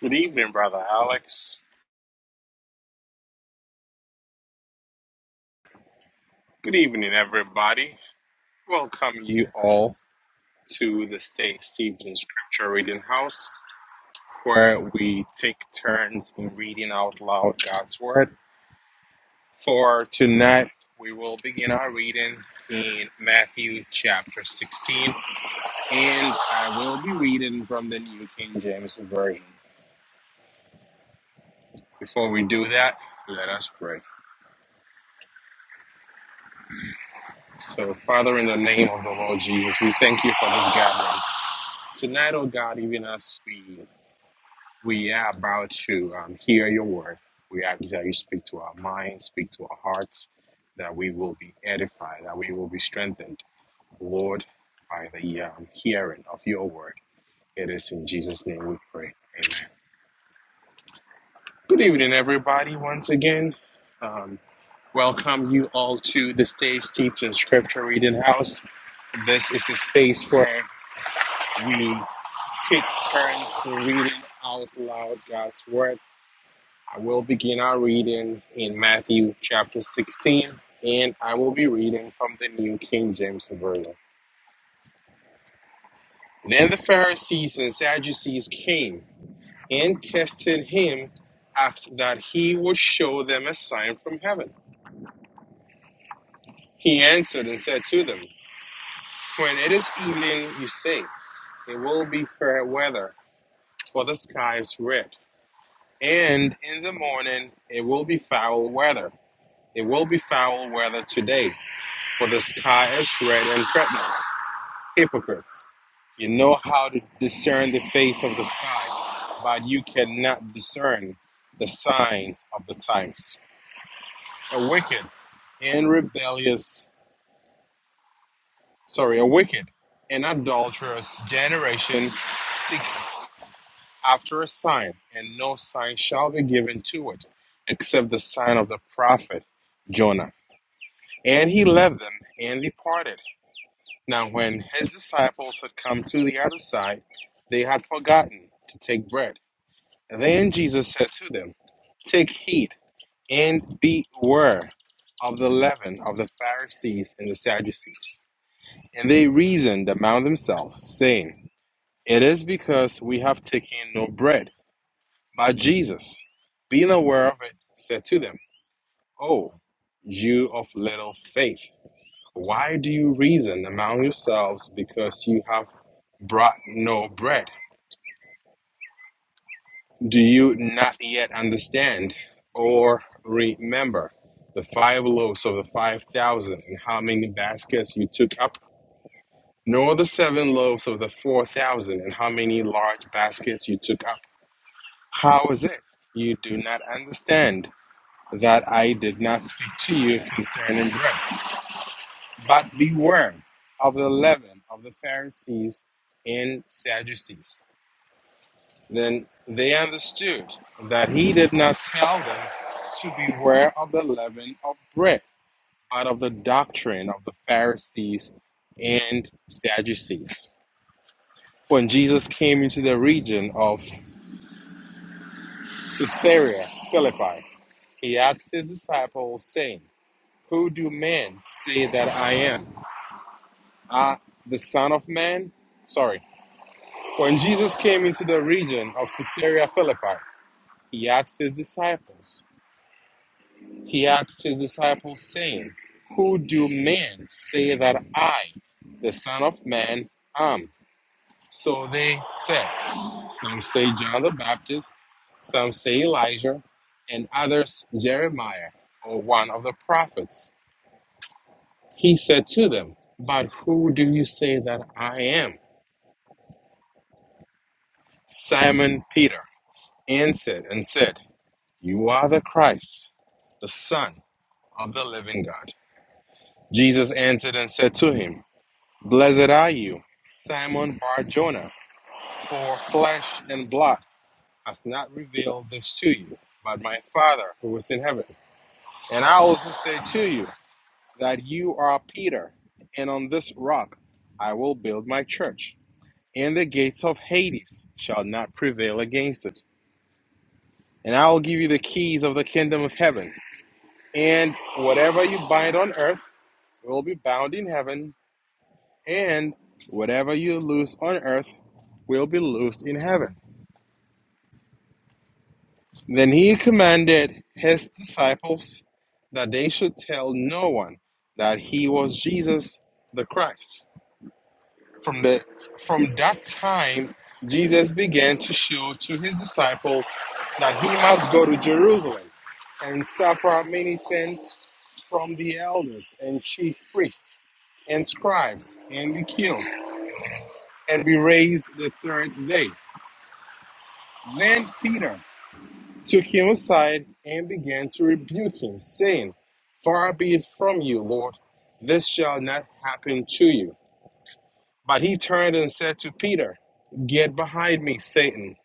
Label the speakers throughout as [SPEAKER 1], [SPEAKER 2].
[SPEAKER 1] Good evening, Brother Alex. Good evening, everybody. Welcome you all to the Stay Season Scripture Reading House, where we take turns in reading out loud God's Word. For tonight, we will begin our reading in Matthew chapter 16, and I will be reading from the New King James Version. Before we do that, let us pray. So, Father, in the name of the Lord Jesus, we thank you for this gathering. Tonight, oh God, even as we we are about to um, hear your word, we ask that you speak to our minds, speak to our hearts, that we will be edified, that we will be strengthened, Lord, by the um, hearing of your word. It is in Jesus' name we pray. Amen. Good evening, everybody. Once again, um, welcome you all to the Stay Steeped in Scripture Reading House. This is a space where we take turns reading out loud God's word. I will begin our reading in Matthew chapter 16, and I will be reading from the New King James Version. Then the Pharisees and Sadducees came and tested him, asked that he would show them a sign from heaven. He answered and said to them, When it is evening, you say, It will be fair weather, for the sky is red And in the morning it will be foul weather. It will be foul weather today, for the sky is red and threatening. Hypocrites, you know how to discern the face of the sky, but you cannot discern the signs of the times. A wicked and rebellious, sorry, a wicked and adulterous generation seeks. after a sign, and no sign shall be given to it, except the sign of the prophet Jonah. And he left them and departed. Now, when his disciples had come to the other side, they had forgotten to take bread. Then Jesus said to them, Take heed and beware of the leaven of the Pharisees and the Sadducees. And they reasoned among themselves, saying, It is because we have taken no bread. But Jesus, being aware of it, said to them, Oh, you of little faith, why do you reason among yourselves because you have brought no bread? Do you not yet understand or remember the five loaves of the five thousand and how many baskets you took up? Nor the seven loaves of the four thousand and how many large baskets you took up? How is it you do not understand? that I did not speak to you concerning bread. But beware of the leaven of the Pharisees and Sadducees. Then they understood that he did not tell them to beware of the leaven of bread, but of the doctrine of the Pharisees and Sadducees. When Jesus came into the region of Caesarea Philippi, he asked his disciples, saying, Who do men say that I am? Ah, the Son of Man? Sorry. When Jesus came into the region of Caesarea Philippi, he asked his disciples, he asked his disciples, saying, Who do men say that I, the Son of Man, am? So they said, Some say John the Baptist, some say Elijah, and others Jeremiah or one of the prophets. He said to them, But who do you say that I am? Simon Peter. and said, and said, You are the Christ, the Son of the living God. Jesus answered and said to him, Blessed are you, Simon Bar Jonah, for flesh and blood has not revealed this to you, but my Father who is in heaven. And I also say to you that you are Peter, and on this rock I will build my church, and the gates of Hades shall not prevail against it. And I will give you the keys of the kingdom of heaven. And whatever you bind on earth will be bound in heaven, and whatever you loose on earth will be loosed in heaven. Then he commanded his disciples that they should tell no one that he was Jesus the Christ. From the from that time, Jesus began to show to his disciples that he must go to Jerusalem and suffer many things from the elders and chief priests and scribes and be killed and be raised the third day. Then Peter took him aside and began to rebuke him, saying, Far be it from you, Lord, this shall not happen to you. But he turned and said to Peter, Get behind me, Satan.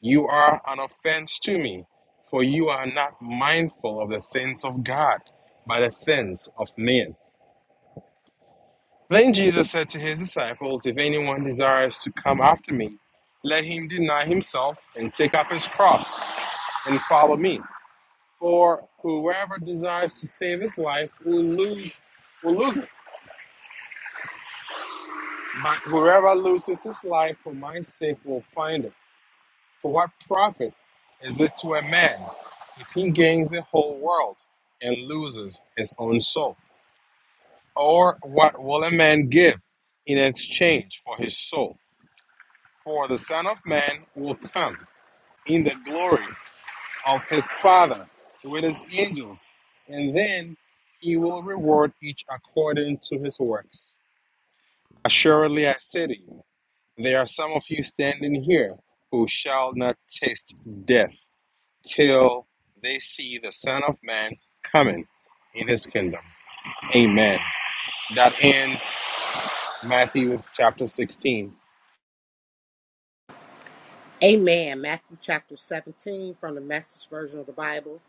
[SPEAKER 1] You are an offense to me, for you are not mindful of the things of God, but the things of men. Then Jesus said to his disciples, If anyone desires to come after me, let him deny himself and take up his cross and follow me. For whoever desires to save his life will lose will lose it. But whoever loses his life for my sake will find it. For what profit is it to a man if he gains the whole world and loses his own soul? Or what will a man give in exchange for his soul? For the Son of Man will come in the glory of his Father with his angels, and then he will reward each according to his works. Assuredly, I say to you, there are some of you standing here who shall not taste death till they see the Son of Man coming in his kingdom. Amen. That ends Matthew chapter 16.
[SPEAKER 2] Amen. Matthew chapter 17 from the message version of the Bible.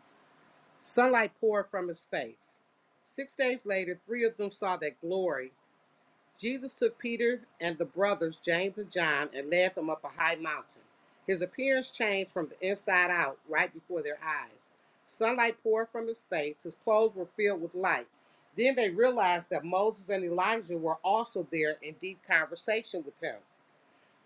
[SPEAKER 2] Sunlight poured from his face. Six days later, three of them saw that glory. Jesus took Peter and the brothers, James and John, and led them up a high mountain. His appearance changed from the inside out right before their eyes. Sunlight poured from his face. His clothes were filled with light. Then they realized that Moses and Elijah were also there in deep conversation with him.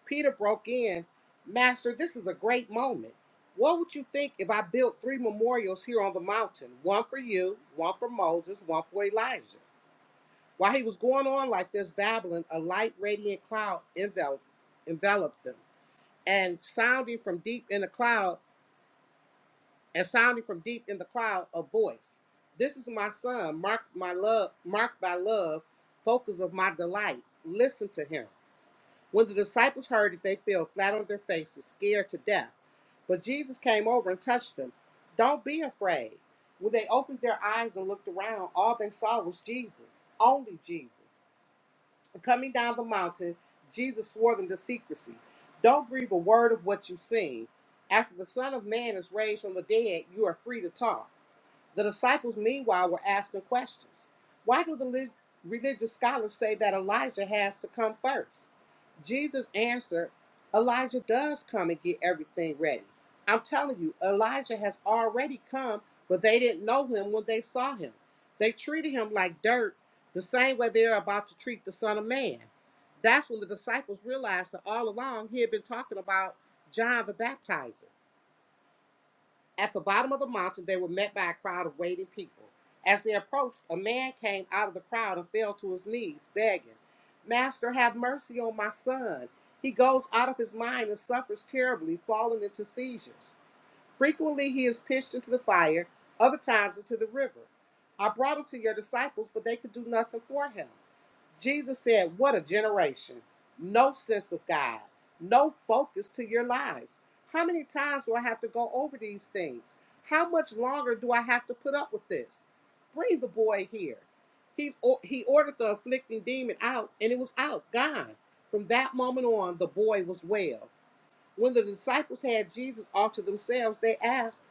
[SPEAKER 2] Peter broke in, Master, this is a great moment. What would you think if I built three memorials here on the mountain? One for you, one for Moses, one for Elijah. While he was going on like this, babbling, a light, radiant cloud enveloped, enveloped them. And sounding from deep in the cloud, and sounding from deep in the cloud, a voice. This is my son, marked my love, marked by love, focus of my delight. Listen to him. When the disciples heard it, they fell flat on their faces, scared to death. But Jesus came over and touched them. Don't be afraid. When they opened their eyes and looked around, all they saw was Jesus, only Jesus. And coming down the mountain, Jesus swore them to secrecy. Don't breathe a word of what you've seen. After the Son of Man is raised from the dead, you are free to talk. The disciples, meanwhile, were asking questions. Why do the religious scholars say that Elijah has to come first? Jesus answered, Elijah does come and get everything ready. I'm telling you, Elijah has already come, but they didn't know him when they saw him. They treated him like dirt, the same way they're about to treat the Son of Man. That's when the disciples realized that all along he had been talking about John the Baptizer. At the bottom of the mountain, they were met by a crowd of waiting people. As they approached, a man came out of the crowd and fell to his knees, begging, Master, have mercy on my son. He goes out of his mind and suffers terribly, falling into seizures. Frequently, he is pitched into the fire, other times into the river. I brought him to your disciples, but they could do nothing for him. Jesus said, What a generation. No sense of God, no focus to your lives. How many times do I have to go over these things? How much longer do I have to put up with this? Bring the boy here. He, he ordered the afflicting demon out, and it was out, gone. From that moment on, the boy was well. When the disciples had Jesus off to themselves, they asked,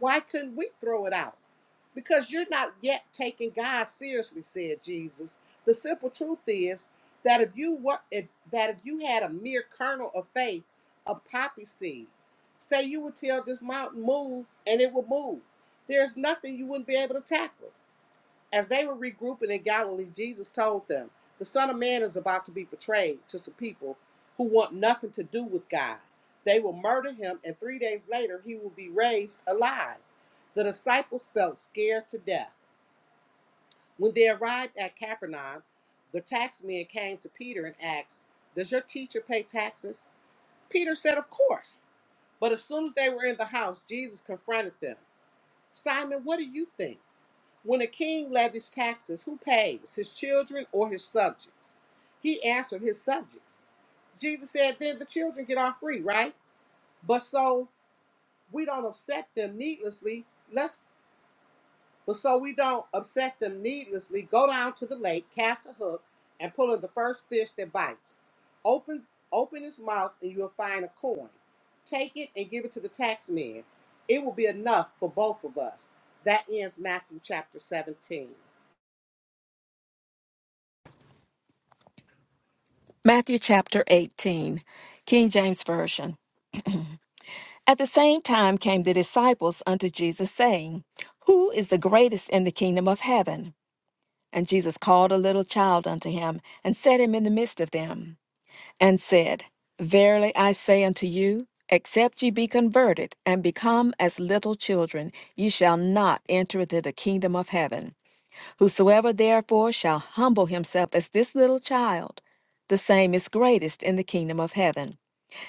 [SPEAKER 2] Why couldn't we throw it out? because you're not yet taking God seriously, said Jesus. The simple truth is that if you were if, that if you had a mere kernel of faith, a poppy seed, say you would tell this mountain move and it would move. There's nothing you wouldn't be able to tackle. As they were regrouping in Galilee, Jesus told them, The Son of Man is about to be betrayed to some people who want nothing to do with God. They will murder him, and three days later, he will be raised alive. The disciples felt scared to death. When they arrived at Capernaum, the tax men came to Peter and asked, Does your teacher pay taxes? Peter said, Of course. But as soon as they were in the house, Jesus confronted them. Simon, what do you think? When a king levies taxes, who pays, his children or his subjects? He answered his subjects. Jesus said, Then the children get off free, right? But so we don't upset them needlessly. Let's but so we don't upset them needlessly, go down to the lake, cast a hook, and pull in the first fish that bites. Open open his mouth and you'll find a coin. Take it and give it to the taxman. It will be enough for both of us. That ends Matthew chapter 17.
[SPEAKER 3] Matthew chapter 18, King James Version. At the same time came the disciples unto Jesus, saying, Who is the greatest in the kingdom of heaven? And Jesus called a little child unto him, and set him in the midst of them, and said, Verily I say unto you, except ye be converted, and become as little children, ye shall not enter into the kingdom of heaven. Whosoever therefore shall humble himself as this little child, the same is greatest in the kingdom of heaven.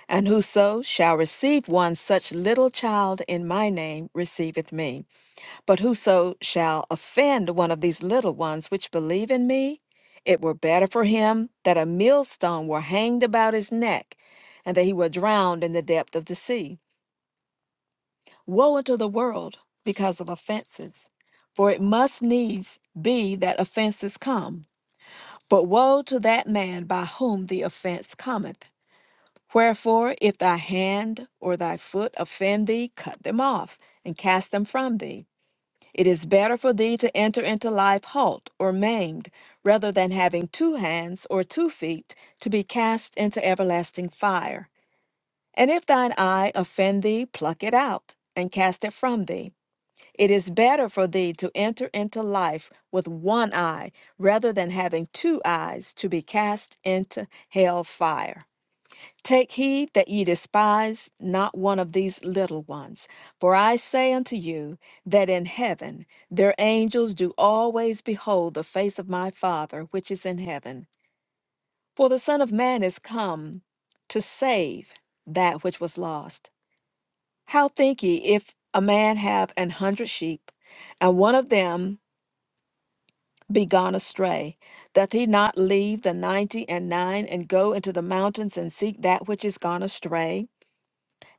[SPEAKER 3] And whoso shall receive one such little child in my name receiveth me. But whoso shall offend one of these little ones which believe in me, it were better for him that a millstone were hanged about his neck, and that he were drowned in the depth of the sea. Woe unto the world because of offenses! For it must needs be that offenses come. But woe to that man by whom the offense cometh. Wherefore, if thy hand or thy foot offend thee, cut them off and cast them from thee. It is better for thee to enter into life halt or maimed, rather than having two hands or two feet to be cast into everlasting fire. And if thine eye offend thee, pluck it out and cast it from thee. It is better for thee to enter into life with one eye, rather than having two eyes to be cast into hell fire. Take heed that ye despise not one of these little ones. For I say unto you, that in heaven their angels do always behold the face of my Father which is in heaven. For the Son of Man is come to save that which was lost. How think ye, if a man have an hundred sheep, and one of them be gone astray, doth he not leave the ninety and nine and go into the mountains and seek that which is gone astray?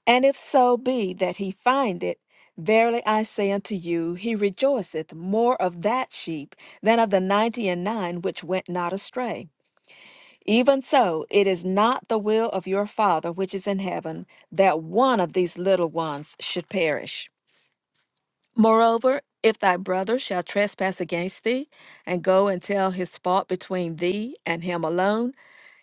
[SPEAKER 3] And if so be that he find it, verily I say unto you, he rejoiceth more of that sheep than of the ninety and nine which went not astray. Even so, it is not the will of your Father which is in heaven that one of these little ones should perish. Moreover, if thy brother shall trespass against thee, and go and tell his fault between thee and him alone,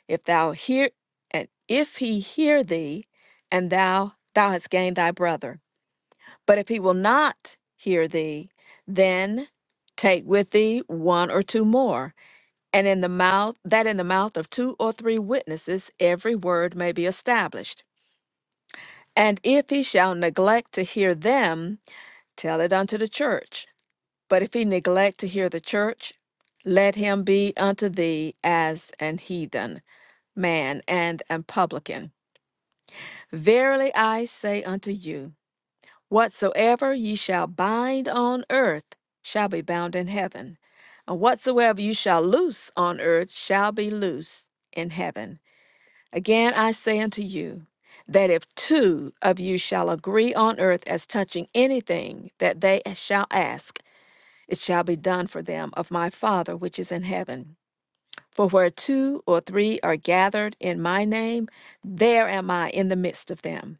[SPEAKER 3] if thou hear, and if he hear thee, and thou thou hast gained thy brother. But if he will not hear thee, then take with thee one or two more, and in the mouth that in the mouth of two or three witnesses every word may be established. And if he shall neglect to hear them, tell it unto the church. But if he neglect to hear the church, let him be unto thee as an heathen man and an publican. Verily I say unto you, Whatsoever ye shall bind on earth shall be bound in heaven, and whatsoever you shall loose on earth shall be loosed in heaven. Again I say unto you, that if two of you shall agree on earth as touching anything that they shall ask, it shall be done for them of my Father which is in heaven. For where two or three are gathered in my name, there am I in the midst of them.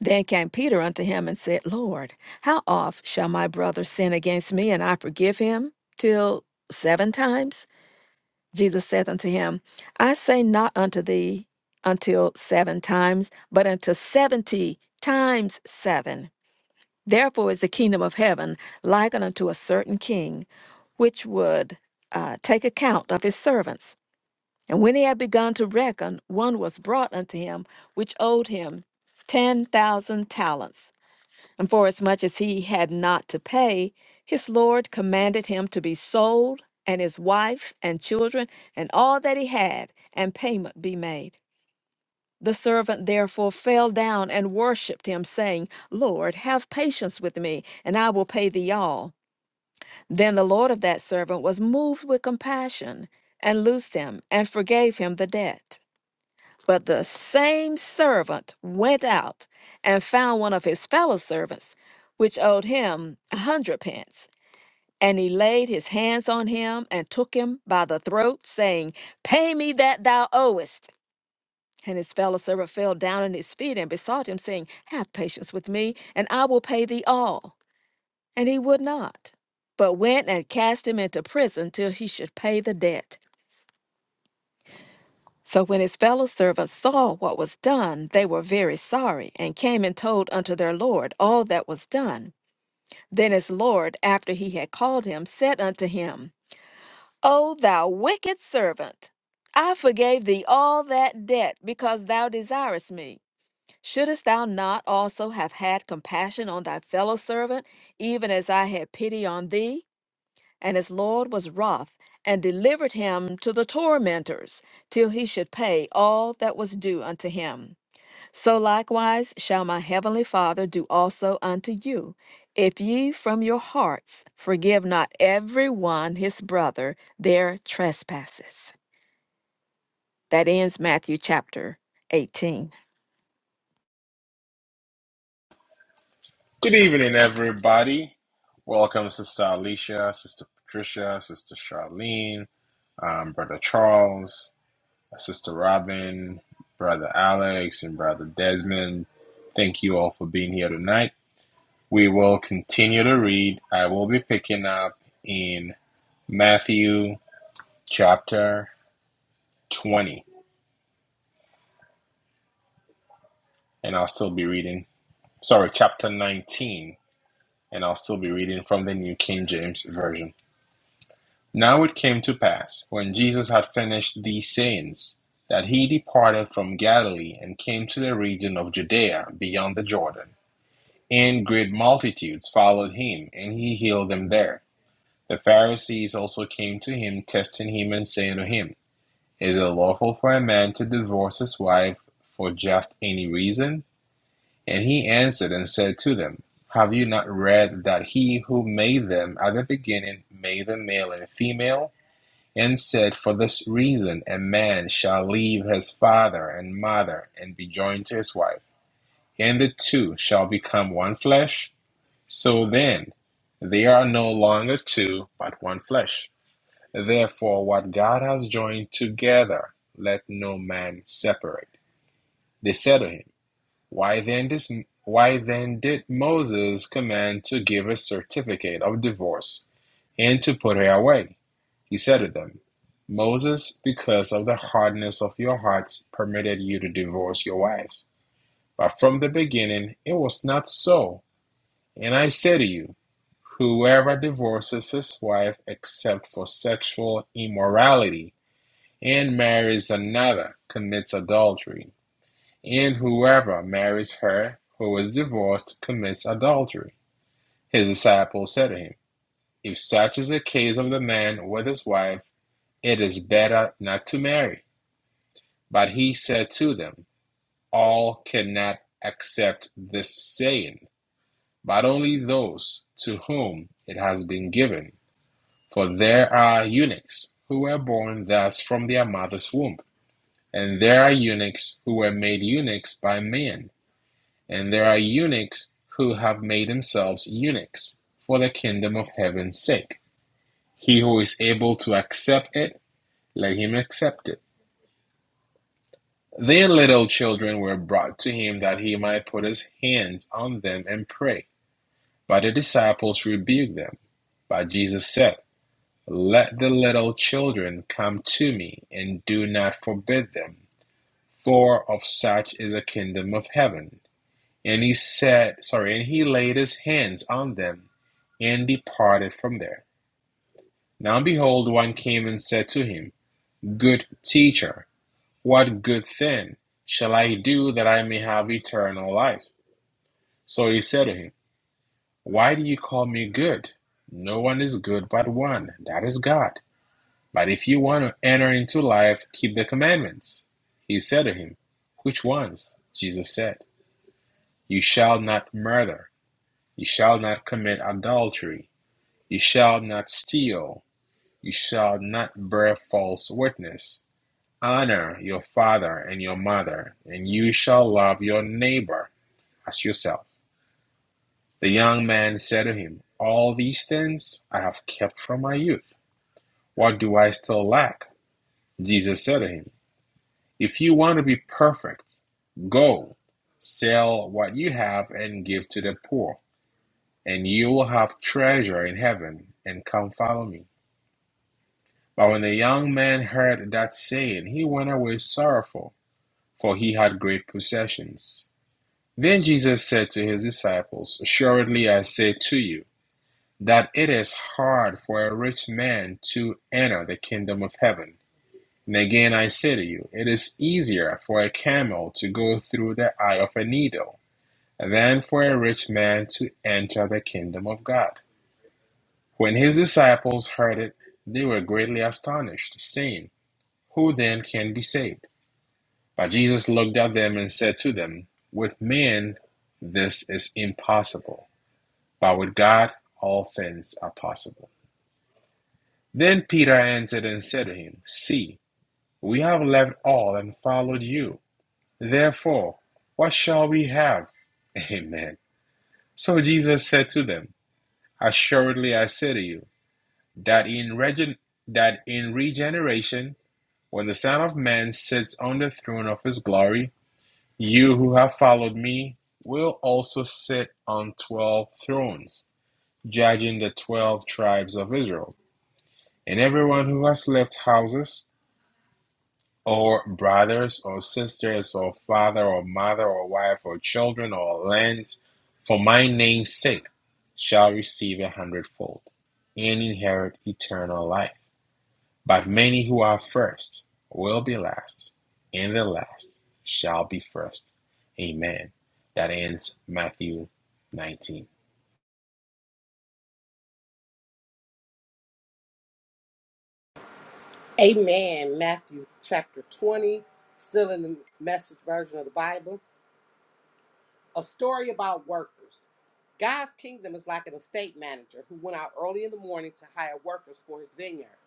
[SPEAKER 3] Then came Peter unto him and said, Lord, how oft shall my brother sin against me, and I forgive him? Till seven times? Jesus saith unto him, I say not unto thee until seven times, but unto seventy times seven. Therefore is the kingdom of heaven likened unto a certain king, which would uh, take account of his servants. And when he had begun to reckon, one was brought unto him which owed him ten thousand talents. And forasmuch as he had not to pay, his Lord commanded him to be sold, and his wife, and children, and all that he had, and payment be made. The servant therefore fell down and worshipped him, saying, Lord, have patience with me, and I will pay thee all. Then the Lord of that servant was moved with compassion, and loosed him, and forgave him the debt. But the same servant went out and found one of his fellow servants, which owed him a hundred pence. And he laid his hands on him and took him by the throat, saying, Pay me that thou owest. And his fellow servant fell down at his feet and besought him, saying, Have patience with me, and I will pay thee all. And he would not, but went and cast him into prison till he should pay the debt. So when his fellow servants saw what was done, they were very sorry, and came and told unto their Lord all that was done. Then his Lord, after he had called him, said unto him, O thou wicked servant, I forgave thee all that debt because thou desirest me. Shouldest thou not also have had compassion on thy fellow servant, even as I had pity on thee? And his Lord was wroth, and delivered him to the tormentors, till he should pay all that was due unto him. So likewise shall my heavenly Father do also unto you, if ye from your hearts forgive not every one his brother their trespasses. That ends Matthew chapter 18.
[SPEAKER 1] Good evening, everybody. Welcome, Sister Alicia, Sister Patricia, Sister Charlene, um, Brother Charles, Sister Robin, Brother Alex, and Brother Desmond. Thank you all for being here tonight. We will continue to read. I will be picking up in Matthew chapter 20, and I'll still be reading, sorry, chapter 19, and I'll still be reading from the New King James Version. Now it came to pass, when Jesus had finished these sayings, that he departed from Galilee and came to the region of Judea beyond the Jordan. And great multitudes followed him, and he healed them there. The Pharisees also came to him, testing him and saying to him, Is it lawful for a man to divorce his wife for just any reason? And he answered and said to them, Have you not read that he who made them at the beginning made them male and female? And said, For this reason a man shall leave his father and mother and be joined to his wife, and the two shall become one flesh? So then, they are no longer two, but one flesh. Therefore, what God has joined together, let no man separate. They said to him, why then this, why then did Moses command to give a certificate of divorce, and to put her away? He said to them, Moses, because of the hardness of your hearts, permitted you to divorce your wives. But from the beginning it was not so. And I say to you, whoever divorces his wife except for sexual immorality and marries another commits adultery. And whoever marries her who is divorced commits adultery. His disciples said to him, If such is the case of the man with his wife, it is better not to marry. But he said to them, All cannot accept this saying, but only those to whom it has been given. For there are eunuchs who were born thus from their mother's womb, and there are eunuchs who were made eunuchs by men. And there are eunuchs who have made themselves eunuchs for the kingdom of heaven's sake. He who is able to accept it, let him accept it. Their little children were brought to him that he might put his hands on them and pray. But the disciples rebuked them. But Jesus said, Let the little children come to me, and do not forbid them, for of such is the kingdom of heaven. And he said, sorry, and he laid his hands on them and departed from there. Now behold, one came and said to him, Good teacher, what good thing shall I do that I may have eternal life? So he said to him, Why do you call me good? No one is good but one, that is God. But if you want to enter into life, keep the commandments. He said to him, Which ones? Jesus said, You shall not murder, you shall not commit adultery. You shall not steal. You shall not bear false witness. Honor your father and your mother, and you shall love your neighbor as yourself. The young man said to him, All these things I have kept from my youth. What do I still lack? Jesus said to him, If you want to be perfect, go sell what you have and give to the poor, and you will have treasure in heaven, and come follow me. But when the young man heard that saying, he went away sorrowful, for he had great possessions. Then Jesus said to his disciples, Assuredly I say to you, that it is hard for a rich man to enter the kingdom of heaven. And again I say to you, it is easier for a camel to go through the eye of a needle than for a rich man to enter the kingdom of God. When his disciples heard it, they were greatly astonished, saying, Who then can be saved? But Jesus looked at them and said to them, With men this is impossible, but with God all things are possible. Then Peter answered and said to him, See, we have left all and followed you. Therefore, what shall we have? Amen. So Jesus said to them, Assuredly I say to you, that in regen- that in regeneration, when the Son of Man sits on the throne of his glory, You who have followed me will also sit on twelve thrones, judging the twelve tribes of Israel. And everyone who has left houses, or brothers, or sisters, or father, or mother, or wife, or children, or lands, for my name's sake, shall receive a hundredfold and inherit eternal life. But many who are first will be last, and the last shall be first. Amen. That ends Matthew 19.
[SPEAKER 2] Amen. Matthew chapter 20, still in the message version of the Bible. A story about workers. God's kingdom is like an estate manager who went out early in the morning to hire workers for his vineyard.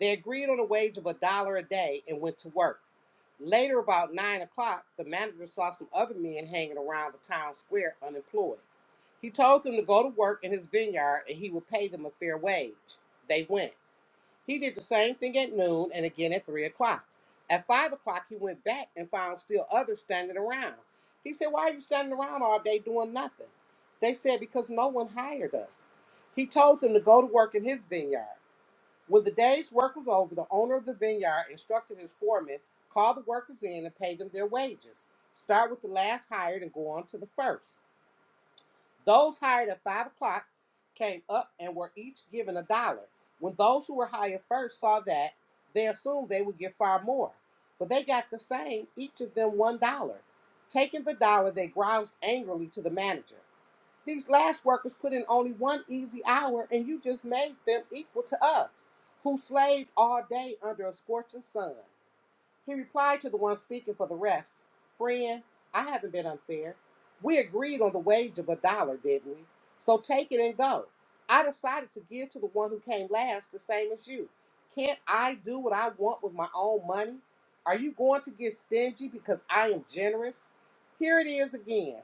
[SPEAKER 2] They agreed on a wage of a dollar a day and went to work. Later, about nine o'clock, the manager saw some other men hanging around the town square unemployed. He told them to go to work in his vineyard and he would pay them a fair wage. They went. He did the same thing at noon and again at three o'clock. At five o'clock, he went back and found still others standing around. He said, Why are you standing around all day doing nothing? They said, Because no one hired us. He told them to go to work in his vineyard. When the day's work was over, the owner of the vineyard instructed his foreman, Call the workers in and pay them their wages. Start with the last hired and go on to the first. Those hired at five o'clock came up and were each given a dollar. When those who were hired first saw that, they assumed they would get far more. But they got the same, each of them one dollar. Taking the dollar, they groused angrily to the manager. These last workers put in only one easy hour, and you just made them equal to us, who slaved all day under a scorching sun. He replied to the one speaking for the rest Friend, I haven't been unfair. We agreed on the wage of a dollar, didn't we? So take it and go. I decided to give to the one who came last the same as you. Can't I do what I want with my own money? Are you going to get stingy because I am generous? Here it is again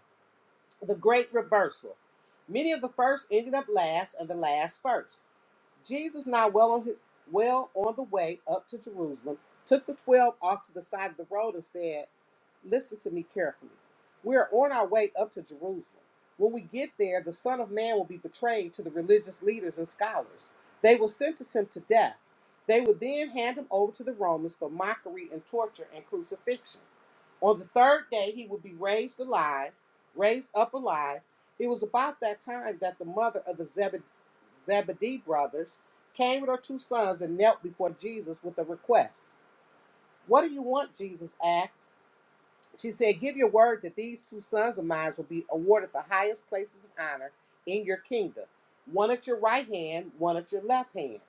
[SPEAKER 2] the great reversal. Many of the first ended up last and the last first. Jesus, now well on, his, well on the way up to Jerusalem, took the twelve off to the side of the road and said, Listen to me carefully. We are on our way up to Jerusalem. When we get there, the Son of Man will be betrayed to the religious leaders and scholars. They will sentence him to death. They will then hand him over to the Romans for mockery and torture and crucifixion. On the third day, he will be raised alive, raised up alive. It was about that time that the mother of the Zebedee brothers came with her two sons and knelt before Jesus with a request. What do you want? Jesus asked. She said, Give your word that these two sons of mine will be awarded the highest places of honor in your kingdom, one at your right hand, one at your left hand.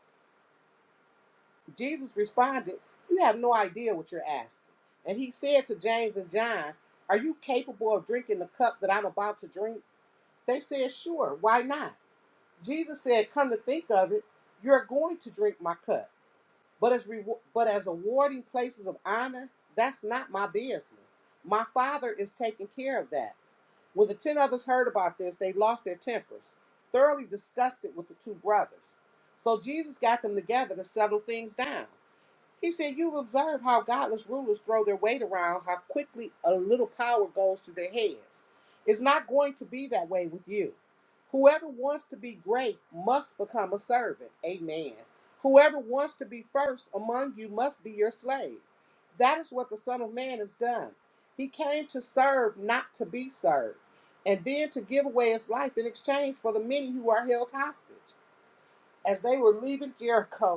[SPEAKER 2] Jesus responded, You have no idea what you're asking. And he said to James and John, Are you capable of drinking the cup that I'm about to drink? They said, Sure, why not? Jesus said, Come to think of it, you're going to drink my cup. But as, rewar- but as awarding places of honor, that's not my business. My Father is taking care of that. When the ten others heard about this, they lost their tempers, thoroughly disgusted with the two brothers. So Jesus got them together to settle things down. He said, You've observed how godless rulers throw their weight around, how quickly a little power goes to their heads. It's not going to be that way with you. Whoever wants to be great must become a servant. Amen. Whoever wants to be first among you must be your slave. That is what the Son of Man has done. He came to serve, not to be served, and then to give away his life in exchange for the many who are held hostage. As they were leaving Jericho,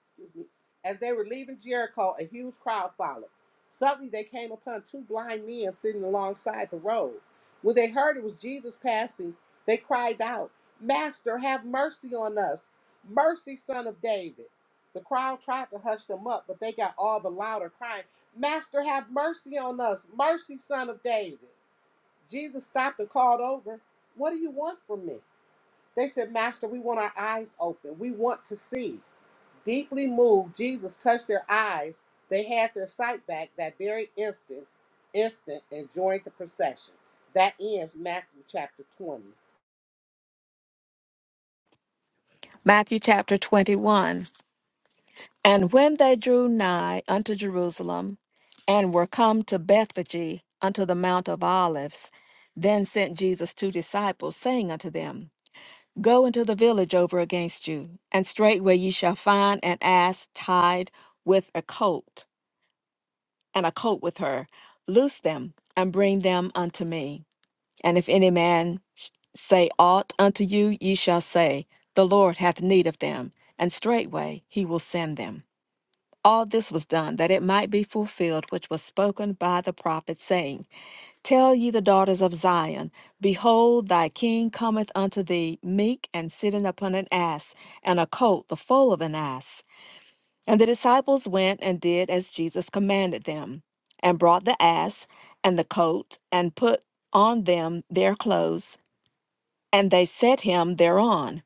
[SPEAKER 2] excuse me, as they were leaving Jericho, a huge crowd followed. Suddenly they came upon two blind men sitting alongside the road. When they heard it was Jesus passing, they cried out, Master, have mercy on us. Mercy, son of David. The crowd tried to hush them up, but they got all the louder crying, Master, have mercy on us. Mercy, son of David. Jesus stopped and called over, What do you want from me? They said, Master, we want our eyes open. We want to see. Deeply moved, Jesus touched their eyes. They had their sight back that very instant, instant, and joined the procession. That ends Matthew chapter 20.
[SPEAKER 3] Matthew chapter 21. And when they drew nigh unto Jerusalem, and were come to Bethphage unto the Mount of Olives, then sent Jesus two disciples, saying unto them, Go into the village over against you, and straightway ye shall find an ass tied with a colt, and a colt with her. Loose them, and bring them unto me. And if any man sh- say aught unto you, ye shall say, The Lord hath need of them, and straightway he will send them. All this was done that it might be fulfilled which was spoken by the prophet, saying, Tell ye the daughters of Zion, Behold, thy king cometh unto thee, meek and sitting upon an ass, and a colt, the foal of an ass. And the disciples went and did as Jesus commanded them, and brought the ass and the colt, and put on them their clothes, and they set him thereon.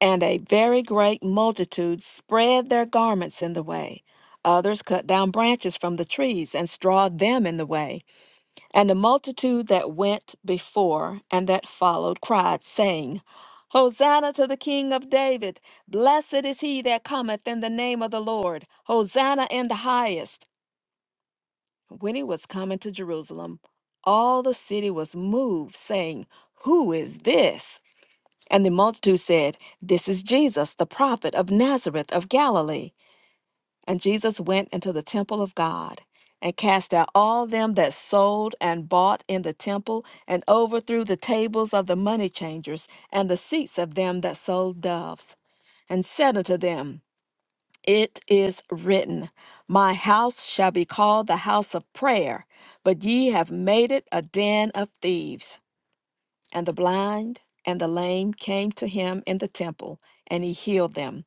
[SPEAKER 3] And a very great multitude spread their garments in the way. Others cut down branches from the trees and strawed them in the way. And the multitude that went before and that followed cried, saying, Hosanna to the King of David! Blessed is he that cometh in the name of the Lord! Hosanna in the highest! When he was coming to Jerusalem, all the city was moved, saying, Who is this? And the multitude said, This is Jesus, the prophet of Nazareth of Galilee. And Jesus went into the temple of God and cast out all them that sold and bought in the temple, and overthrew the tables of the money changers and the seats of them that sold doves, and said unto them, It is written, My house shall be called the house of prayer, but ye have made it a den of thieves. And the blind and the lame came to him in the temple, and he healed them.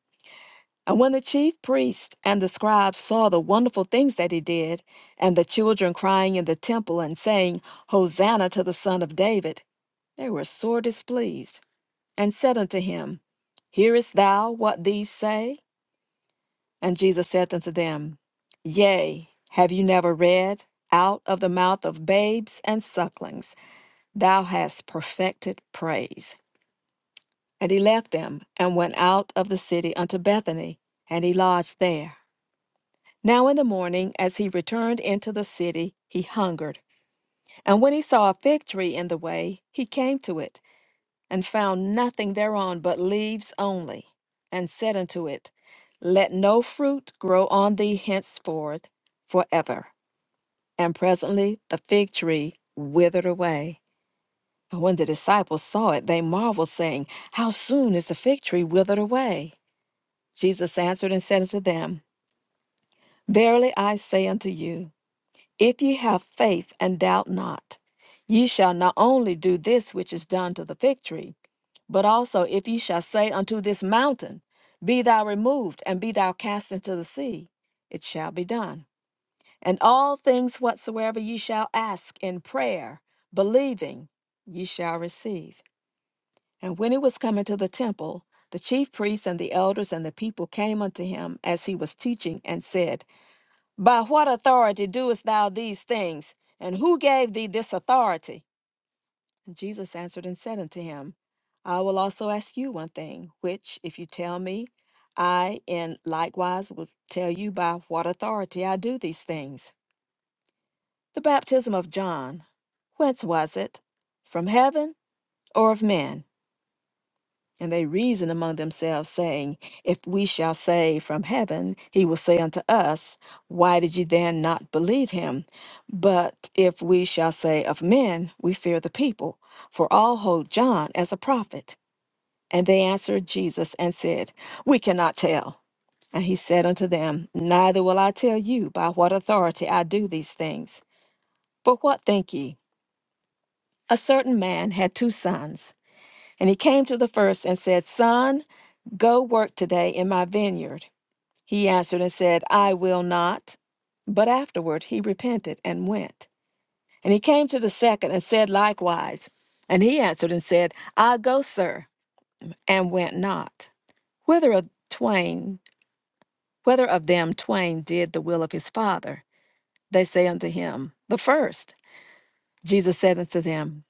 [SPEAKER 3] And when the chief priests and the scribes saw the wonderful things that he did, and the children crying in the temple and saying, Hosanna to the Son of David, they were sore displeased, and said unto him, Hearest thou what these say? And Jesus said unto them, Yea, have you never read, Out of the mouth of babes and sucklings thou hast perfected praise? And he left them and went out of the city unto Bethany, and he lodged there. Now in the morning, as he returned into the city, he hungered. And when he saw a fig tree in the way, he came to it, and found nothing thereon but leaves only, and said unto it, Let no fruit grow on thee henceforth forever. And presently the fig tree withered away. And when the disciples saw it, they marveled, saying, How soon is the fig tree withered away? Jesus answered and said unto them, Verily I say unto you, if ye have faith and doubt not, ye shall not only do this which is done to the fig tree, but also if ye shall say unto this mountain, Be thou removed, and be thou cast into the sea, it shall be done. And all things whatsoever ye shall ask in prayer, believing, ye shall receive. And when he was coming to the temple, the chief priests and the elders and the people came unto him as he was teaching, and said, By what authority doest thou these things? And who gave thee this authority? And Jesus answered and said unto him, I will also ask you one thing, which, if you tell me, I in likewise will tell you by what authority I do these things. The baptism of John, whence was it? From heaven or of men? And they reason among themselves, saying, If we shall say from heaven, he will say unto us, Why did ye then not believe him? But if we shall say of men, we fear the people, for all hold John as a prophet. And they answered Jesus and said, We cannot tell. And he said unto them, Neither will I tell you by what authority I do these things. But what think ye? A certain man had two sons. And he came to the first and said, Son, go work today in my vineyard. He answered and said, I will not. But afterward he repented and went. And he came to the second and said likewise. And he answered and said, I go, sir, and went not. Whether of twain, whether of them twain did the will of his father, they say unto him, the first. Jesus said unto them,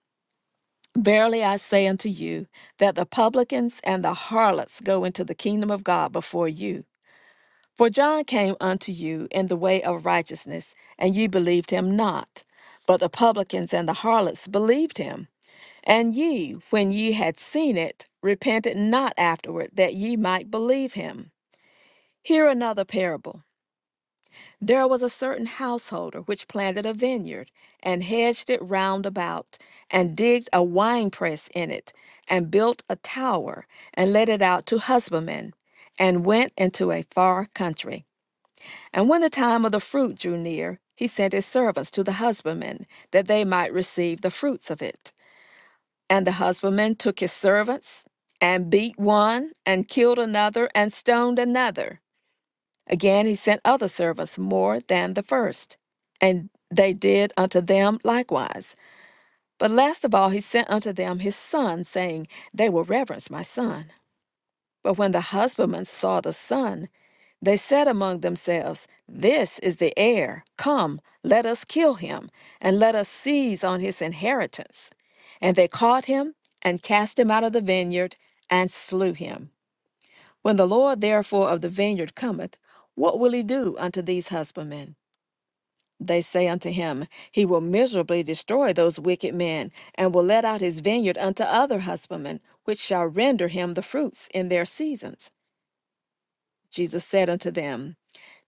[SPEAKER 3] Verily I say unto you, that the publicans and the harlots go into the kingdom of God before you. For John came unto you in the way of righteousness, and ye believed him not. But the publicans and the harlots believed him. And ye, when ye had seen it, repented not afterward, that ye might believe him. Hear another parable. There was a certain householder which planted a vineyard, and hedged it round about, and digged a winepress in it, and built a tower, and let it out to husbandmen, and went into a far country. And when the time of the fruit drew near, he sent his servants to the husbandmen, that they might receive the fruits of it. And the husbandman took his servants, and beat one, and killed another, and stoned another. Again, he sent other servants more than the first, and they did unto them likewise. But last of all, he sent unto them his son, saying, They will reverence my son. But when the husbandmen saw the son, they said among themselves, This is the heir. Come, let us kill him, and let us seize on his inheritance. And they caught him, and cast him out of the vineyard, and slew him. When the Lord therefore of the vineyard cometh, what will he do unto these husbandmen? They say unto him, He will miserably destroy those wicked men, and will let out his vineyard unto other husbandmen, which shall render him the fruits in their seasons. Jesus said unto them,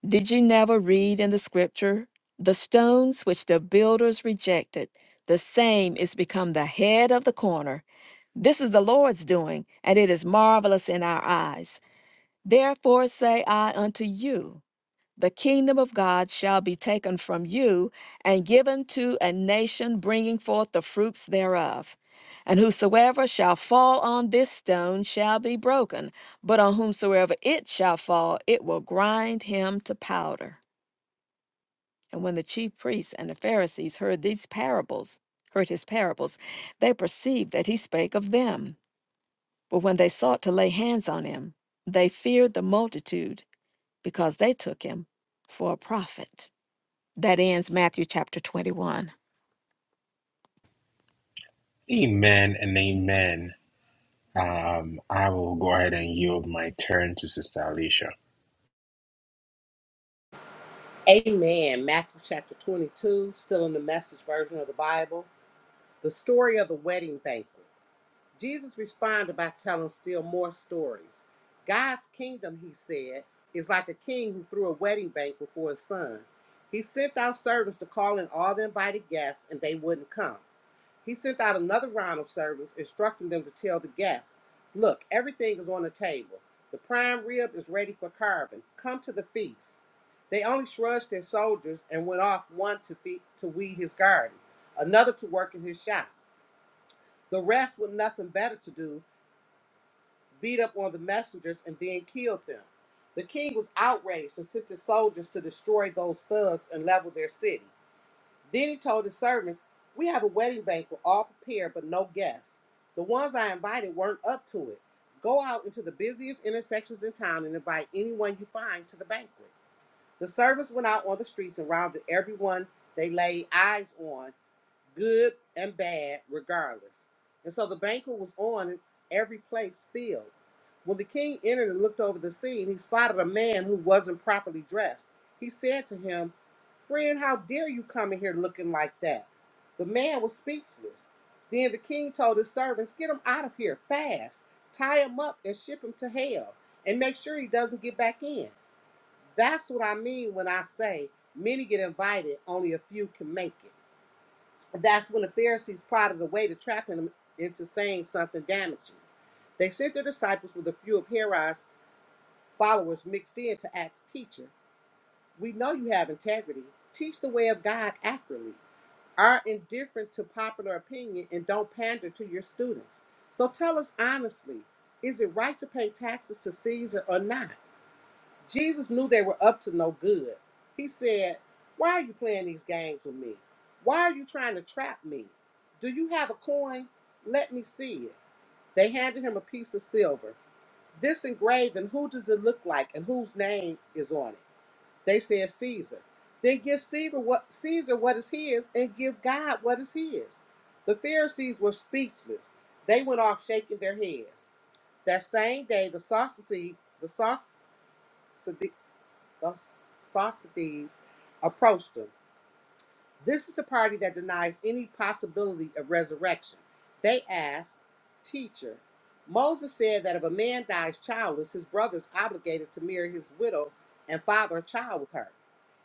[SPEAKER 3] Did ye never read in the scripture, The stones which the builders rejected, the same is become the head of the corner. This is the Lord's doing, and it is marvelous in our eyes. Therefore say I unto you, the kingdom of God shall be taken from you and given to a nation bringing forth the fruits thereof. And whosoever shall fall on this stone shall be broken, but on whomsoever it shall fall, it will grind him to powder. And when the chief priests and the Pharisees heard these parables, heard his parables, they perceived that he spake of them. But when they sought to lay hands on him, they feared the multitude because they took him for a prophet. That ends Matthew chapter 21.
[SPEAKER 1] Amen and amen. Um, I will go ahead and yield my turn to Sister Alicia.
[SPEAKER 2] Amen. Matthew chapter 22, still in the message version of the Bible. The story of the wedding banquet. Jesus responded by telling still more stories. God's kingdom, he said, is like a king who threw a wedding banquet for his son. He sent out servants to call in all the invited guests, and they wouldn't come. He sent out another round of servants, instructing them to tell the guests, Look, everything is on the table. The prime rib is ready for carving. Come to the feast. They only shrugged their shoulders and went off one to, feed, to weed his garden, another to work in his shop. The rest, with nothing better to do, beat up on the messengers and then killed them. The king was outraged and sent his soldiers to destroy those thugs and level their city. Then he told his servants, We have a wedding banquet all prepared, but no guests. The ones I invited weren't up to it. Go out into the busiest intersections in town and invite anyone you find to the banquet. The servants went out on the streets and rounded everyone they laid eyes on good and bad regardless. And so the banquet was on and every place filled. When the king entered and looked over the scene, he spotted a man who wasn't properly dressed. He said to him, Friend, how dare you come in here looking like that? The man was speechless. Then the king told his servants, Get him out of here fast, tie him up and ship him to hell, and make sure he doesn't get back in. That's what I mean when I say many get invited, only a few can make it. That's when the Pharisees prodded away to trap him into saying something damaging. They sent their disciples with a few of Herod's followers mixed in to Acts' teacher. We know you have integrity. Teach the way of God accurately. Are indifferent to popular opinion and don't pander to your students. So tell us honestly is it right to pay taxes to Caesar or not? Jesus knew they were up to no good. He said, Why are you playing these games with me? Why are you trying to trap me? Do you have a coin? Let me see it. They handed him a piece of silver. This engraved, and who does it look like, and whose name is on it? They said Caesar. Then give Caesar what Caesar what is his, and give God what is his. The Pharisees were speechless. They went off shaking their heads. That same day, the Sadducees, the Sadducees of Sosthenes approached them. This is the party that denies any possibility of resurrection. They asked, Teacher, Moses said that if a man dies childless, his brother is obligated to marry his widow and father a child with her.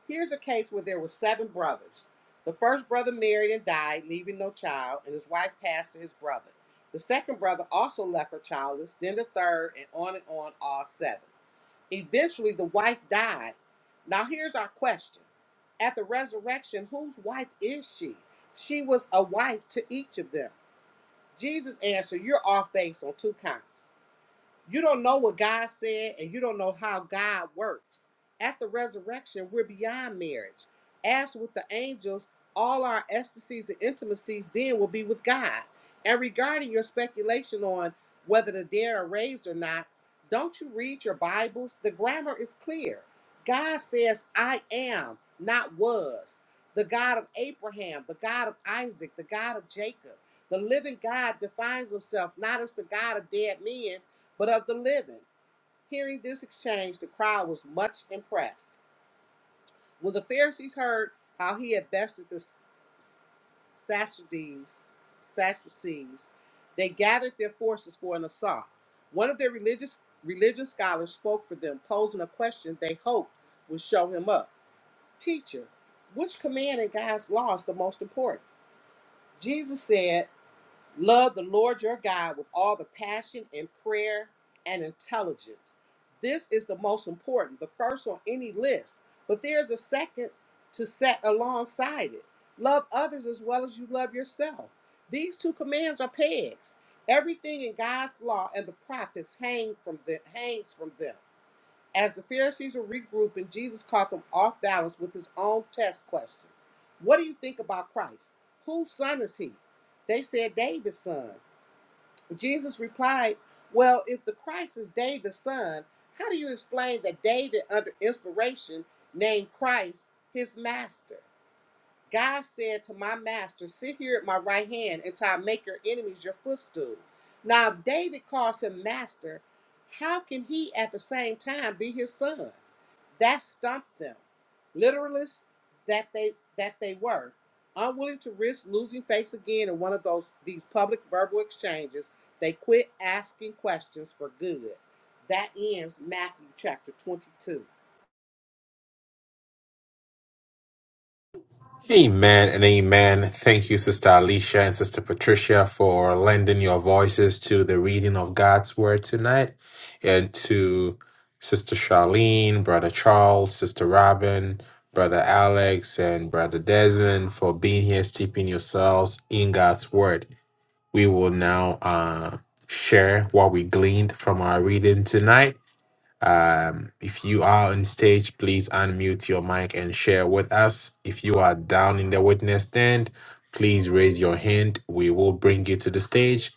[SPEAKER 2] Here's a case where there were seven brothers. The first brother married and died, leaving no child, and his wife passed to his brother. The second brother also left her childless, then the third, and on and on, all seven. Eventually, the wife died. Now, here's our question At the resurrection, whose wife is she? She was a wife to each of them. Jesus answered, You're off base on two counts. You don't know what God said, and you don't know how God works. At the resurrection, we're beyond marriage. As with the angels, all our ecstasies and intimacies then will be with God. And regarding your speculation on whether the dead are raised or not, don't you read your Bibles? The grammar is clear. God says, I am, not was. The God of Abraham, the God of Isaac, the God of Jacob. The living God defines himself not as the God of dead men, but of the living. Hearing this exchange, the crowd was much impressed. When the Pharisees heard how he had bested the S- S- Sadducees, Sadducees, they gathered their forces for an assault. One of their religious religious scholars spoke for them, posing a question they hoped would show him up. Teacher, which command in God's law is the most important? Jesus said, Love the Lord your God with all the passion and prayer and intelligence. This is the most important, the first on any list, but there's a second to set alongside it. Love others as well as you love yourself. These two commands are pegs. Everything in God's law and the prophets hang from the, hangs from them. As the Pharisees were regrouping, Jesus caught them off balance with his own test question What do you think about Christ? Whose son is he? They said, David's son. Jesus replied, Well, if the Christ is David's son, how do you explain that David, under inspiration, named Christ his master? God said to my master, Sit here at my right hand until I make your enemies your footstool. Now, if David calls him master, how can he at the same time be his son? That stumped them. Literalists that they that they were, unwilling to risk losing face again in one of those these public verbal exchanges, they quit asking questions for good. That ends Matthew chapter 22.
[SPEAKER 1] Amen and amen. Thank you, Sister Alicia and Sister Patricia, for lending your voices to the reading of God's Word tonight, and to Sister Charlene, Brother Charles, Sister Robin, Brother Alex, and Brother Desmond for being here, steeping yourselves in God's Word. We will now uh, share what we gleaned from our reading tonight um, if you are on stage, please unmute your mic and share with us. If you are down in the witness stand, please raise your hand. We will bring you to the stage.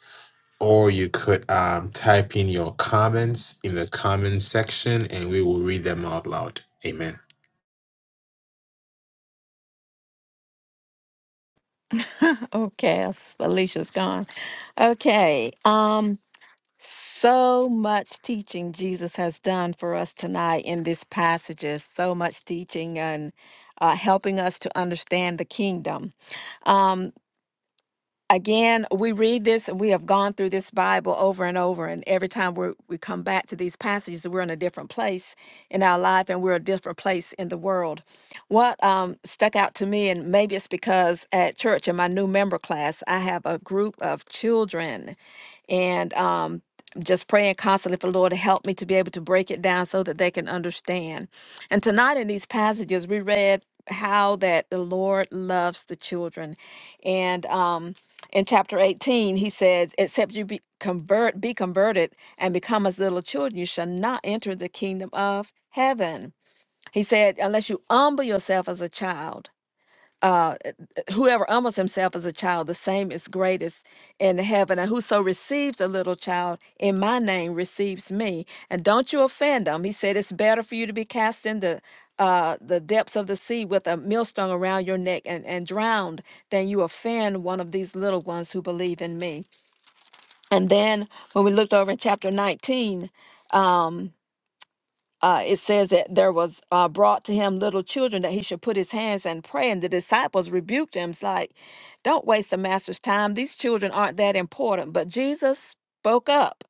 [SPEAKER 1] Or you could um, type in your comments in the comment section and we will read them out loud. Amen.
[SPEAKER 3] okay, Alicia's gone. Okay. Um so much teaching Jesus has done for us tonight in these passages. So much teaching and uh, helping us to understand the kingdom. Um. again, we read this and we have gone through this Bible over and over. And every time we we come back to these passages, we're in a different place in our life and we're a different place in the world. What um, stuck out to me, and maybe it's because at church in my new member class, I have a group of children and um, just praying constantly for the Lord to help me to be able to break it down so that they can understand. And tonight in these passages, we read how that the Lord loves the children. And um, in chapter 18 he says except you be convert be converted and become as little children you shall not enter the kingdom of heaven he said unless you humble yourself as a child uh, eh, eh, whoever humbles himself as a child, the same is greatest in heaven. And whoso receives a little child in my name receives me. And don't you offend them. He said, It's better for you to be cast into uh, the depths of the sea with a millstone around your neck and, and drowned than you offend one of these little ones who believe in me. And then when we looked over in chapter 19, um, uh, it says that there was uh, brought to him little children that he should put his hands and pray. And the disciples rebuked him, It's like, don't waste the master's time. These children aren't that important. But Jesus spoke up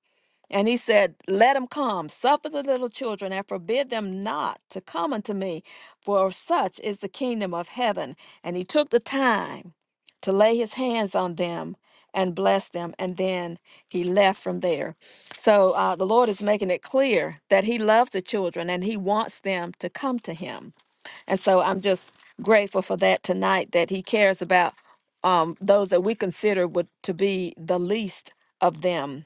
[SPEAKER 3] and he said, Let them come, suffer the little children, and forbid them not to come unto me, for of such is the kingdom of heaven. And he took the time to lay his hands on them and bless them. And then he left from there. So uh, the Lord is making it clear that he loves the children and he wants them to come to him. And so I'm just grateful for that tonight that he cares about um, those that we consider would to be the least of them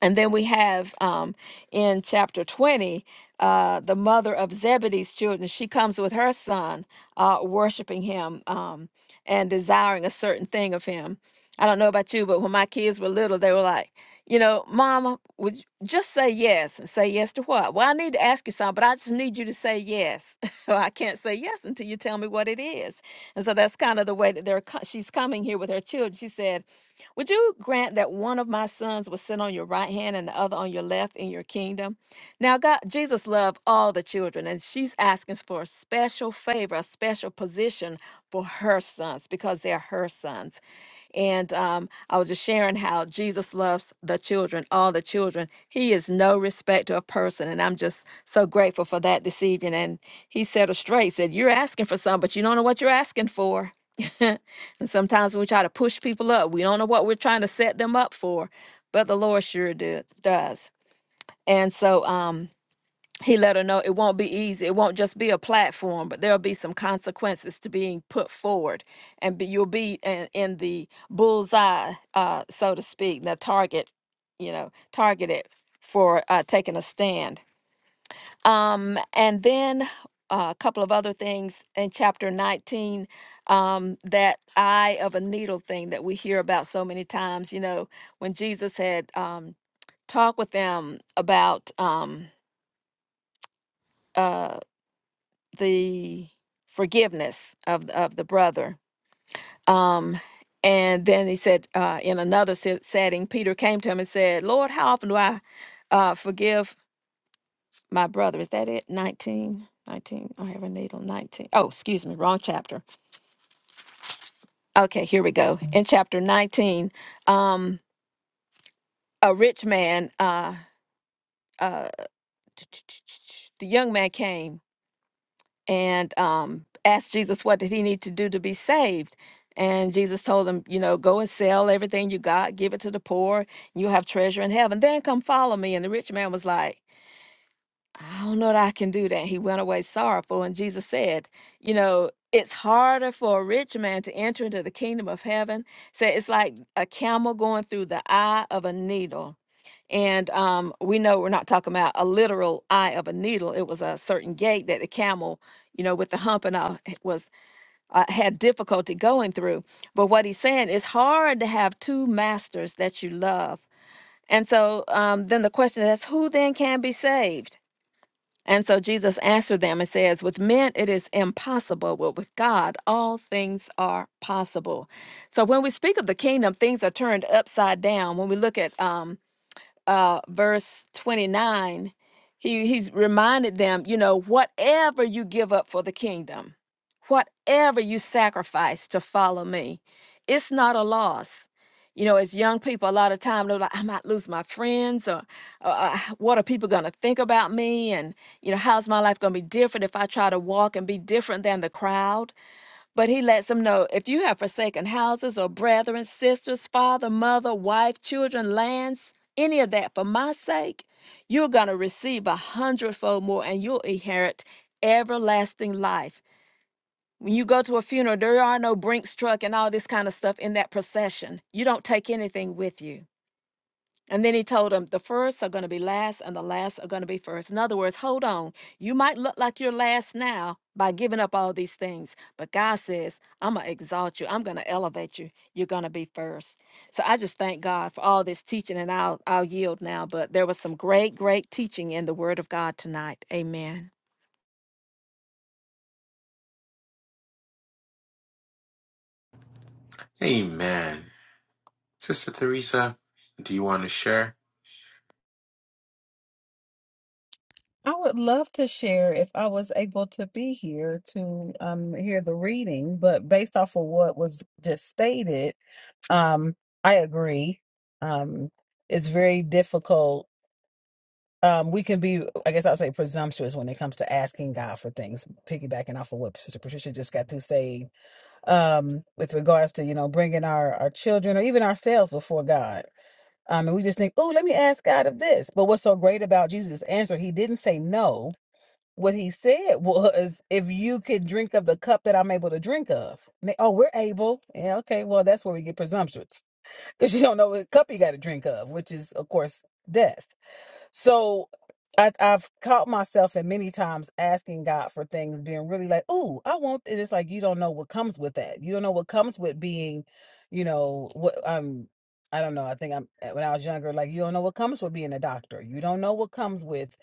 [SPEAKER 3] and then we have um, in chapter 20, uh, the mother of Zebedee's children. She comes with her son, uh, worshiping him um, and desiring a certain thing of him. I don't know about you, but when my kids were little, they were like, you know, Mama, would you just say yes and say yes to what? Well, I need to ask you something, but I just need you to say yes. so I can't say yes until you tell me what it is. And so that's kind of the way that they're. co- She's coming here with her children. She said, would you grant that one of my sons will sit on your right hand and the other on your left in your kingdom? Now, God, Jesus loved all the children, and she's asking for a special favor, a special position for her sons because they're her sons. And um, I was just sharing how Jesus loves the children, all the children. He is no respecter of person. And I'm just so grateful for that this evening. And he said it straight, said, You're asking for something, but you don't know what you're asking for. And sometimes we try to push people up. We don't know what we're trying to set them up for, but the Lord sure do, does. And so um, he let her know it won't be easy. It won't just be a platform, but there'll be some consequences to being put forward. And be, you'll be in, in the bullseye, uh, so to speak, the target, you know, targeted for uh, taking a stand. Um, and then uh, a couple of other things in chapter 19 um, that eye of a needle thing that we hear about so many times. You know, when Jesus had um, talked with them about um, uh, the forgiveness of, of the brother. Um, and then he said, uh, in another se- setting, Peter came to him and said, Lord, how often do I uh, forgive? my brother. Is that it? 19? 19. I have a need on 19. Oh, excuse me, wrong chapter. Okay, here we go. In chapter 19, um, a rich man, uh, uh, the young man came and um, asked Jesus, what did he need to do to be saved? And Jesus told him, you know, go and sell everything you got, give it to the poor, you have treasure in heaven. Then come follow me. And the rich man was like, I don't know that I can do that. He went away sorrowful. And Jesus said, You know, it's harder for a rich man to enter into the kingdom of heaven. So it's like a camel going through the eye of a needle. And um, we know we're not talking about a literal eye of a needle. It was a certain gate that the camel, you know, with the hump and all, h- was uh, had difficulty going through. But what he's saying it's hard to have two masters that you love. And so um, then the question is, who then can be saved? And so Jesus answered them and says, With men it is impossible, but with God all things are possible. So when we speak of the kingdom, things are turned upside down. When we look at um, uh, verse 29, he, he's reminded them, you know, whatever you give up for the kingdom, whatever you sacrifice to follow me, it's not a loss. You know, as young people, a lot of time they're like, I might lose my friends, or, or uh, what are people going to think about me? And, you know, how's my life going to be different if I try to walk and be different than the crowd? But he lets them know if you have forsaken houses or brethren, sisters, father, mother, wife, children, lands, any of that for my sake, you're going to receive a hundredfold more and you'll inherit everlasting life. When you go to a funeral, there are no Brinks truck and all this kind of stuff in that procession. You don't take anything with you. And then he told them, the first are going to be last, and the last are going to be first. In other words, hold on. You might look like you're last now by giving up all these things, but God says, I'm going to exalt you. I'm going to elevate you. You're going to be first. So I just thank God for all this teaching, and I'll, I'll yield now. But there was some great, great teaching in the Word of God tonight. Amen.
[SPEAKER 1] Amen. Sister Theresa, do you want to share?
[SPEAKER 4] I would love to share if I was able to be here to um, hear the reading, but based off of what was just stated, um, I agree. Um, it's very difficult. Um, we can be, I guess I'll say, presumptuous when it comes to asking God for things, piggybacking off of what Sister Patricia just got to say um, with regards to, you know, bringing our, our children or even ourselves before God. Um, and we just think, oh, let me ask God of this. But what's so great about Jesus' answer? He didn't say no what he said was, if you could drink of the cup that I'm able to drink of. And they, oh, we're able. Yeah, okay. Well, that's where we get presumptuous because you don't know what cup you got to drink of, which is, of course, death. So I, I've caught myself at many times asking God for things, being really like, "Oh, I want this." It's like you don't know what comes with that. You don't know what comes with being, you know, what um, I don't know. I think I'm uh, when I was younger, like you don't know what comes with being a doctor. You don't know what comes with,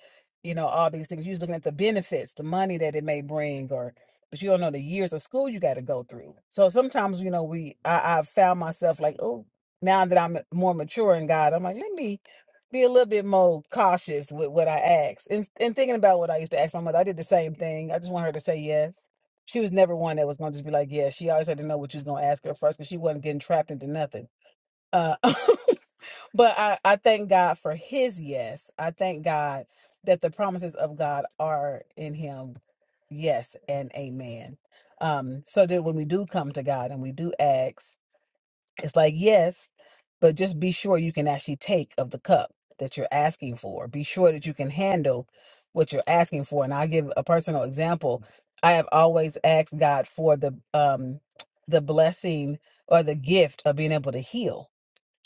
[SPEAKER 4] you know, all these things. You're just looking at the benefits, the money that it may bring, or but you don't know the years of school you got to go through. So sometimes, you know, we I, I've found myself like, oh, now that I'm more mature in God, I'm like, let me be a little bit more cautious with what I ask. And and thinking about what I used to ask my mother, I did the same thing. I just want her to say yes. She was never one that was gonna just be like, yes. She always had to know what you was gonna ask her first because she wasn't getting trapped into nothing. Uh, but I, I thank God for his yes. I thank God that the promises of God are in him, yes and amen. Um, so that when we do come to God and we do ask it's like, yes, but just be sure you can actually take of the cup that you're asking for. Be sure that you can handle what you're asking for. And I'll give a personal example. I have always asked God for the um the blessing or the gift of being able to heal.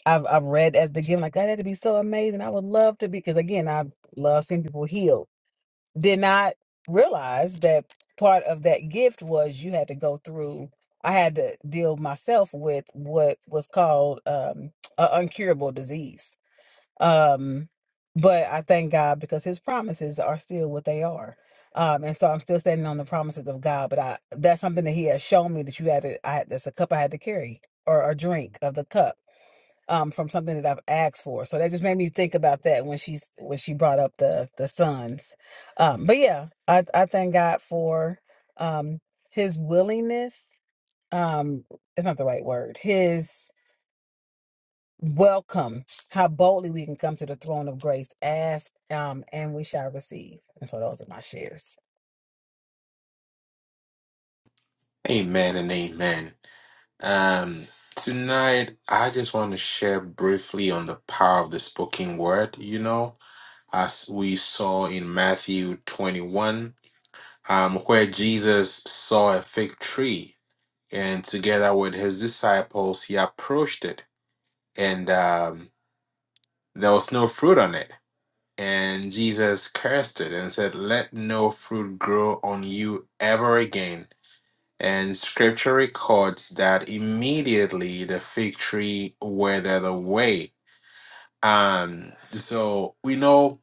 [SPEAKER 4] I've I've read as the gift, like God had to be so amazing. I would love to be because again, I love seeing people healed did not realize that part of that gift was you had to go through i had to deal myself with what was called um an uncurable disease um but i thank god because his promises are still what they are um and so i'm still standing on the promises of god but i that's something that he has shown me that you had to i that's a cup i had to carry or a drink of the cup um, from something that I've asked for. So that just made me think about that when she's when she brought up the the sons. Um, but yeah, I I thank God for um, His willingness. Um, it's not the right word. His welcome, how boldly we can come to the throne of grace, ask, um, and we shall receive. And so those are my shares.
[SPEAKER 1] Amen and amen. Um, tonight, I just want to share briefly on the power of the spoken word, you know as we saw in Matthew 21, um, where Jesus saw a fig tree and together with his disciples, he approached it and um, there was no fruit on it. And Jesus cursed it and said, Let no fruit grow on you ever again. And scripture records that immediately the fig tree withered away. Um, so we know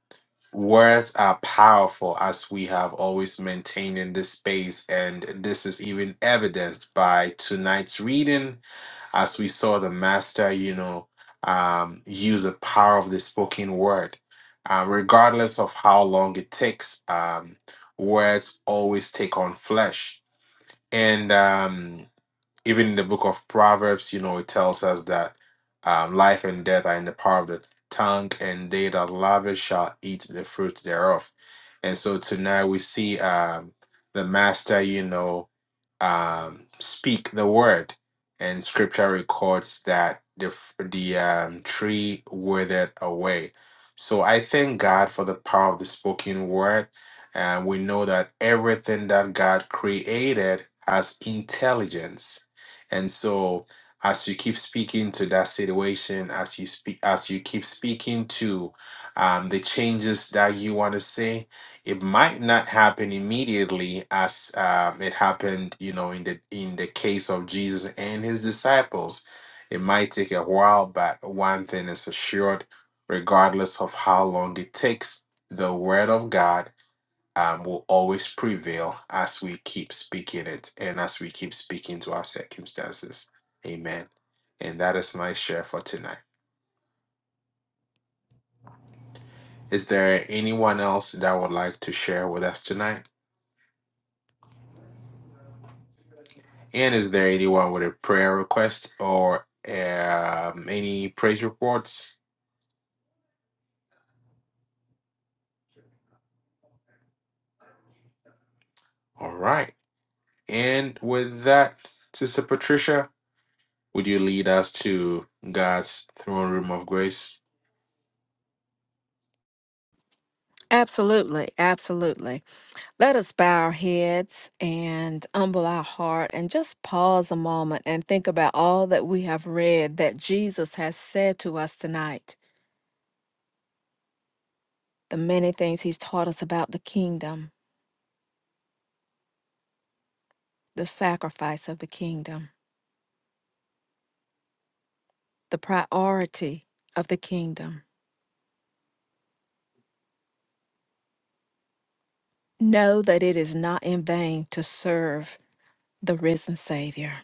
[SPEAKER 1] Words are powerful, as we have always maintained in this space, and this is even evidenced by tonight's reading, as we saw the master, you know, um, use the power of the spoken word. Uh, regardless of how long it takes, um, words always take on flesh. And um, even in the book of Proverbs, you know, it tells us that um, life and death are in the power of the tongue, and they that love it shall eat the fruit thereof. And so tonight we see um, the master, you know um, speak the word, and Scripture records that the f- the um, tree withered away. So I thank God for the power of the spoken word, and we know that everything that God created has intelligence, and so as you keep speaking to that situation, as you speak, as you keep speaking to um, the changes that you want to see, it might not happen immediately as um, it happened you know in the in the case of jesus and his disciples it might take a while but one thing is assured regardless of how long it takes the word of god um, will always prevail as we keep speaking it and as we keep speaking to our circumstances amen and that is my share for tonight is there anyone else that would like to share with us tonight And is there anyone with a prayer request or um, any praise reports? All right. And with that, Sister Patricia, would you lead us to God's throne room of grace?
[SPEAKER 3] Absolutely. Absolutely. Let us bow our heads and humble our heart and just pause a moment and think about all that we have read that Jesus has said to us tonight. The many things he's taught us about the kingdom, the sacrifice of the kingdom, the priority of the kingdom. Know that it is not in vain to serve the risen Savior.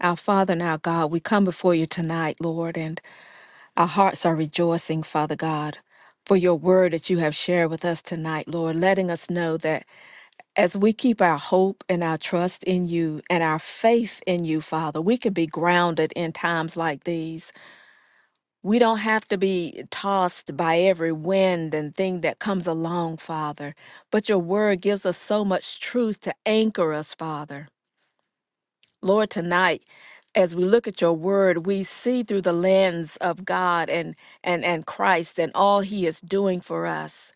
[SPEAKER 3] Our Father and our God, we come before you tonight, Lord, and Our hearts are rejoicing, Father God, for your word that you have shared with us tonight, Lord, letting us know that as we keep our hope and our trust in you and our faith in you, Father, we can be grounded in times like these. We don't have to be tossed by every wind and thing that comes along, Father, but your word gives us so much truth to anchor us, Father. Lord, tonight, as we look at your word, we see through the lens of God and and and Christ and all he is doing for us.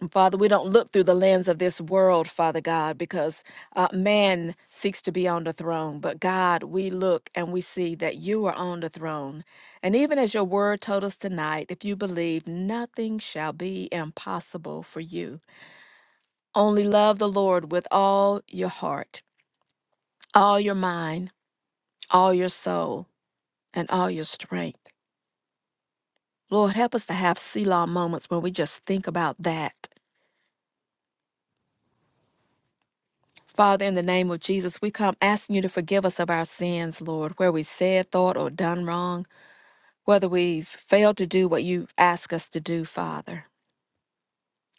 [SPEAKER 3] And Father, we don't look through the lens of this world, Father God, because uh, man seeks to be on the throne. But God, we look and we see that you are on the throne. And even as your word told us tonight, if you believe, nothing shall be impossible for you. Only love the Lord with all your heart, all your mind, all your soul. and all your strength. Lord, help us to have Selah moments when we just think about that. Father, in the name of Jesus, we come asking you to forgive us of our sins, Lord, where we said, thought, or done wrong, whether we've failed to do what you've asked us to do, Father.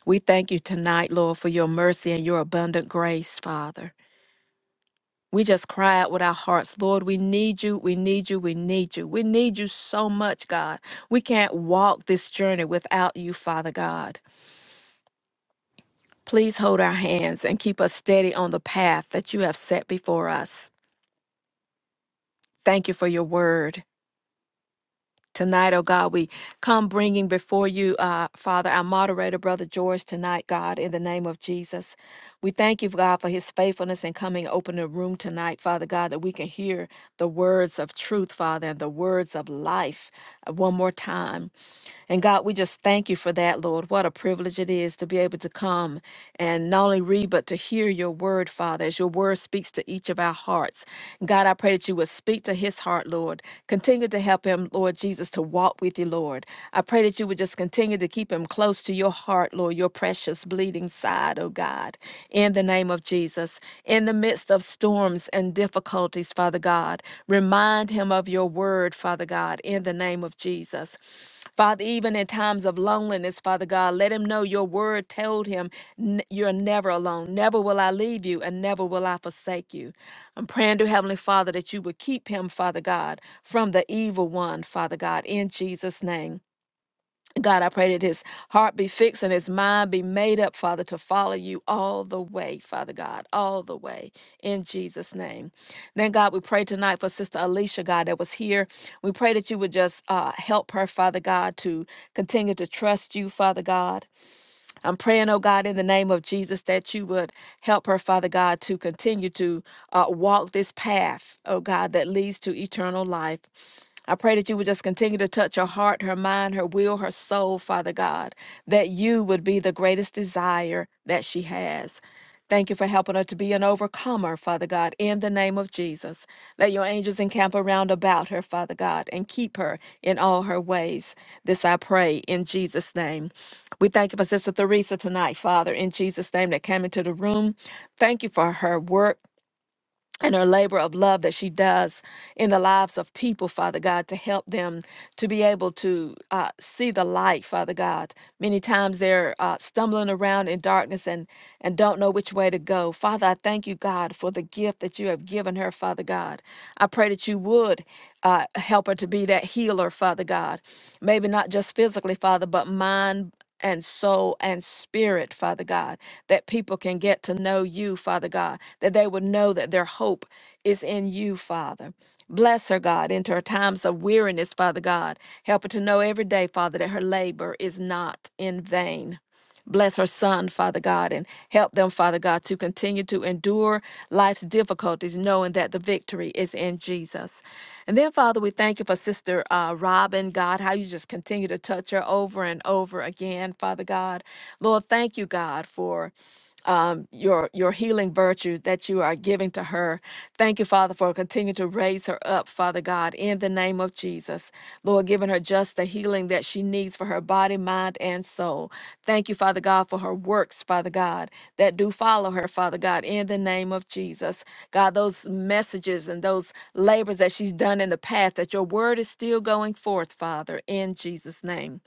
[SPEAKER 3] We thank you tonight, Lord, for your mercy and your abundant grace, Father. We just cry out with our hearts, Lord, we need you, we need you, we need you. We need you so much, God. We can't walk this journey without you, Father God. Please hold our hands and keep us steady on the path that you have set before us. Thank you for your word. Tonight, oh God, we come bringing before you, uh, Father, our moderator, Brother George, tonight, God, in the name of Jesus. We thank you, God, for his faithfulness in coming open the room tonight, Father God, that we can hear the words of truth, Father, and the words of life uh, one more time. And God, we just thank you for that, Lord. What a privilege it is to be able to come and not only read, but to hear your word, Father, as your word speaks to each of our hearts. God, I pray that you would speak to his heart, Lord. Continue to help him, Lord Jesus, to walk with you, Lord. I pray that you would just continue to keep him close to your heart, Lord, your precious bleeding side, oh God. God, in the name of Jesus. In the midst of storms and difficulties, Father God, remind him of your word, Father God, in the name of Jesus. Father, even in times of loneliness, Father God, let him know your word told him, "N- You're never alone. Never will I leave you, and never will I forsake you. I'm praying to Heavenly Father that you would keep him, Father God, from the evil one, Father God, in Jesus' name. God, I pray that his heart be fixed and his mind be made up, Father, to follow you all the way, Father God, all the way in Jesus' name. Then, God, we pray tonight for Sister Alicia, God, that was here. We pray that you would just uh, help her, Father God, to continue to trust you, Father God. I'm praying, oh God, in the name of Jesus, that you would help her, Father God, to continue to uh, walk this path, oh God, that leads to eternal life. I pray that you would just continue to touch her heart, her mind, her will, her soul, Father God, that you would be the greatest desire that she has. Thank you for helping her to be an overcomer, Father God, in the name of Jesus. Let your angels encamp around about her, Father God, and keep her in all her ways. This I pray in Jesus' name. We thank you for Sister Theresa tonight, Father, in Jesus' name, that came into the room. Thank you for her work and her labor of love that she does in the lives of people, Father God, to help them to be able to uh, see the light, Father God. Many times they're uh, stumbling around in darkness and, and don't know which way to go. Father, I thank you, God, for the gift that you have given her, Father God. I pray that you would uh, help her to be that healer, Father God. Maybe not just physically, Father, but mind and soul and spirit, Father God, that people can get to know you, Father God, that they would know that their hope is in you, Father. Bless her, God, into her times of weariness, Father God. Help her to know every day, Father, that her labor is not in vain. Bless her son, Father God, and help them, Father God, to continue to endure life's difficulties, knowing that the victory is in Jesus. And then, Father, we thank you for Sister uh, Robin, God, how you just continue to touch her over and over again, Father God. Lord, thank you, God, for um, your your healing virtue that you are giving to her. Thank you, Father, for continuing to raise her up, Father God, in the name of Jesus. Lord, giving her just the healing that she needs for her body, mind, and soul. Thank you, Father God, for her works, Father God, that do follow her, Father God, in the name of Jesus. God, those messages and those labors that she's done in the past, that your word is still going forth, Father, in Jesus' name.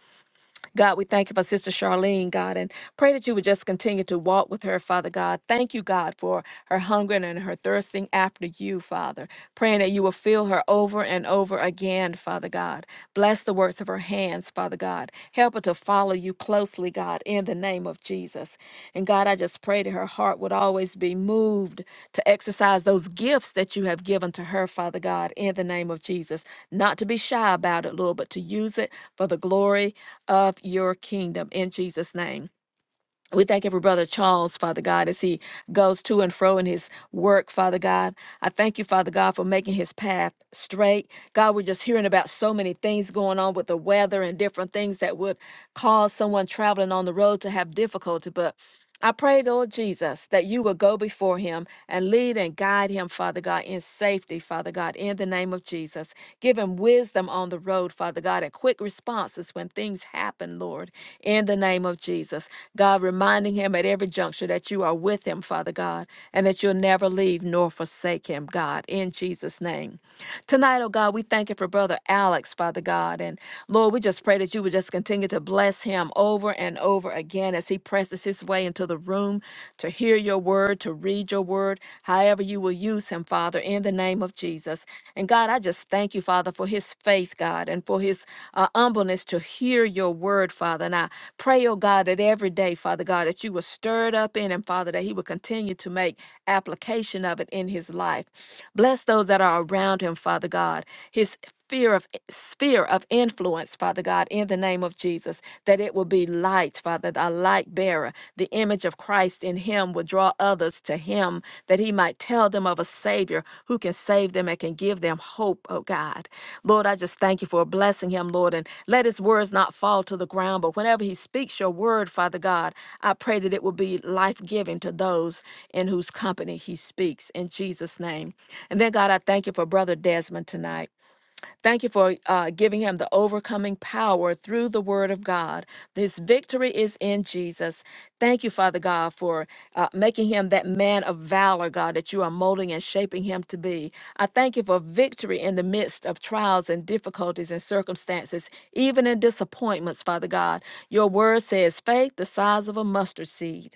[SPEAKER 3] God, we thank you for Sister Charlene, God, and pray that you would just continue to walk with her, Father God. Thank you, God, for her hunger and her thirsting after you, Father. Praying that you will fill her over and over again, Father God. Bless the works of her hands, Father God. Help her to follow you closely closely, God, in the name of Jesus. And God, I just pray that her heart would always be moved to exercise those gifts that you have given to her, Father God, in the name of Jesus. Not to be shy about it, Lord, but to use it for the glory of your kingdom in Jesus' name. We thank every brother Charles, Father God, as he goes to and fro in his work, Father God. I thank you, Father God, for making his path straight. God, we're just hearing about so many things going on with the weather and different things that would cause someone traveling on the road to have difficulty. But I pray, Lord Jesus, that you will go before him and lead and guide him, Father God, in safety, Father God, in the name of Jesus. Give him wisdom on the road, Father God, and quick responses when things happen, Lord, in the name of Jesus. God, reminding him at every juncture that you are with him, Father God, and that you'll never leave nor forsake him, God, in Jesus' name. Tonight, oh God, we thank you for Brother Alex, Father God. And Lord, we just pray that you would just continue to bless him over and over again as he presses his way into the room to hear your word, to read your word, however you will use him, Father, in the name of Jesus. And God, I just thank you, Father, for his faith, God, and for his uh, humbleness to hear your word, Father. And I pray, oh God, that every day, Father God, that you will stir it up in him, Father, that he will continue to make application of it in his life. Bless those that are around him, Father God. His fear of sphere of influence influence, Father God, in the name of Jesus, that it will be light, Father, a light bearer. The image of Christ in him will draw others to him, that he might tell them of a Savior who can save them and can give them hope, oh God. Lord, I just thank you for blessing him, Lord, and let his words not fall to the ground, but whenever he speaks your word, Father God, I pray that it will be life giving to those in whose company he speaks, in Jesus' name. And then, God, I thank you for Brother Desmond tonight. Thank you for uh, giving him the overcoming power through the word of God. His victory is in Jesus. Thank you, Father God, for uh, making him that man of valor, God, that you are molding and shaping him to be. I thank you for victory in the midst of trials and difficulties and circumstances, even in disappointments, Father God. Your word says faith the size of a mustard seed.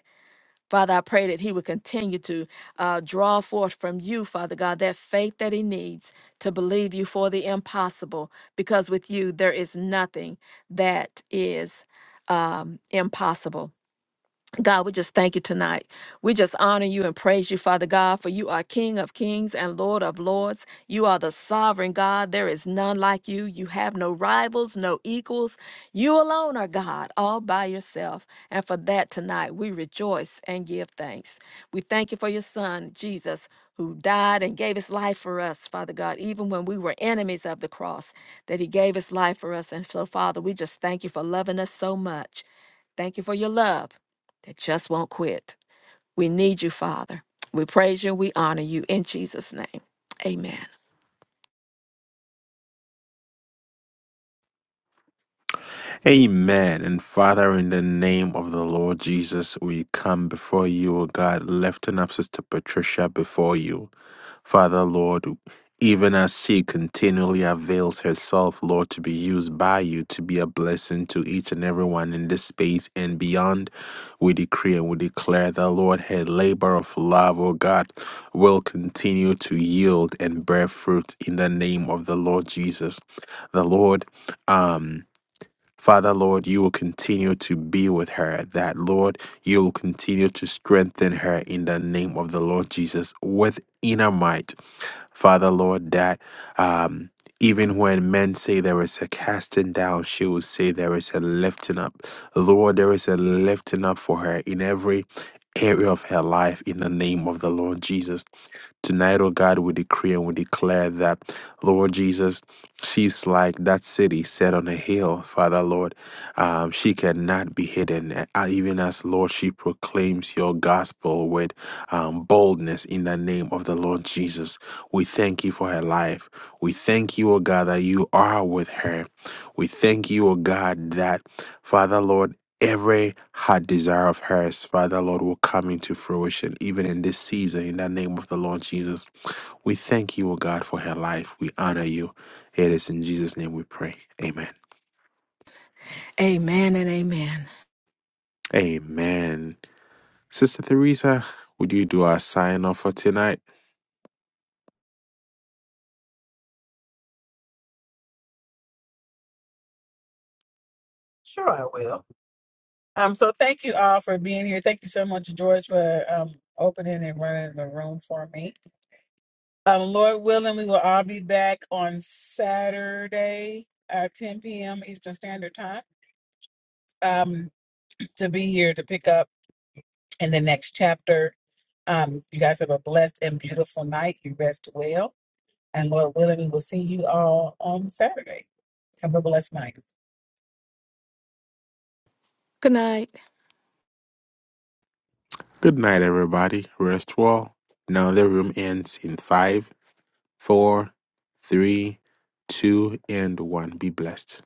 [SPEAKER 3] Father, I pray that he would continue to uh, draw forth from you, Father God, that faith that he needs to believe you for the impossible, because with you, there is nothing that is um, impossible. God, we just thank you tonight. We just honor you and praise you, Father God, for you are King of kings and Lord of lords. You are the sovereign God. There is none like you. You have no rivals, no equals. You alone are God, all by yourself. And for that tonight, we rejoice and give thanks. We thank you for your Son, Jesus, who died and gave his life for us, Father God, even when we were enemies of the cross, that he gave his life for us. And so, Father, we just thank you for loving us so much. Thank you for your love that just won't quit. We need you, Father. We praise you. We honor you in Jesus' name. Amen.
[SPEAKER 1] Amen. And Father, in the name of the Lord Jesus, we come before you, O God, lifting up Sister Patricia before you. Father, Lord, even as she continually avails herself, Lord, to be used by you to be a blessing to each and everyone in this space and beyond, we decree and we declare that, Lord, her labor of love, O God, will continue to yield and bear fruit in the name of the Lord Jesus. The Lord, um, Father, Lord, you will continue to be with her. That, Lord, you will continue to strengthen her in the name of the Lord Jesus with inner might. Father, Lord, that um, even when men say there is a casting down, she will say there is a lifting up. Lord, there is a lifting up for her in every area of her life in the name of the Lord Jesus. Tonight, oh God, we decree and we declare that, Lord Jesus, she's like that city set on a hill, Father, Lord. Um, she cannot be hidden. Uh, Even as, Lord, she proclaims your gospel with um, boldness in the name of the Lord Jesus. We thank you for her life. We thank you, O God, that you are with her. We thank you, O God, that, Father, Lord, every heart desire of hers, Father Lord, will come into fruition even in this season. In the name of the Lord Jesus, we thank you, O God, for her life. We honor you. It is in Jesus' name we pray. Amen.
[SPEAKER 3] Amen and amen.
[SPEAKER 1] Amen. Sister Theresa, would you do our sign off for tonight?
[SPEAKER 4] Sure, I will. Um, so thank you all for being here. Thank you so much, George, for um opening and running the room for me. Um, Lord willing, we will all be back on Saturday, uh, 10 p.m. Eastern Standard Time, um, to be here to pick up in the next chapter. Um, you guys have a blessed and beautiful night. You rest well. And Lord willing, we will see you all on Saturday. Have a blessed night.
[SPEAKER 3] Good night.
[SPEAKER 1] Good night, everybody. Rest well. Now the room ends in five, four, three, two, and one. Be blessed.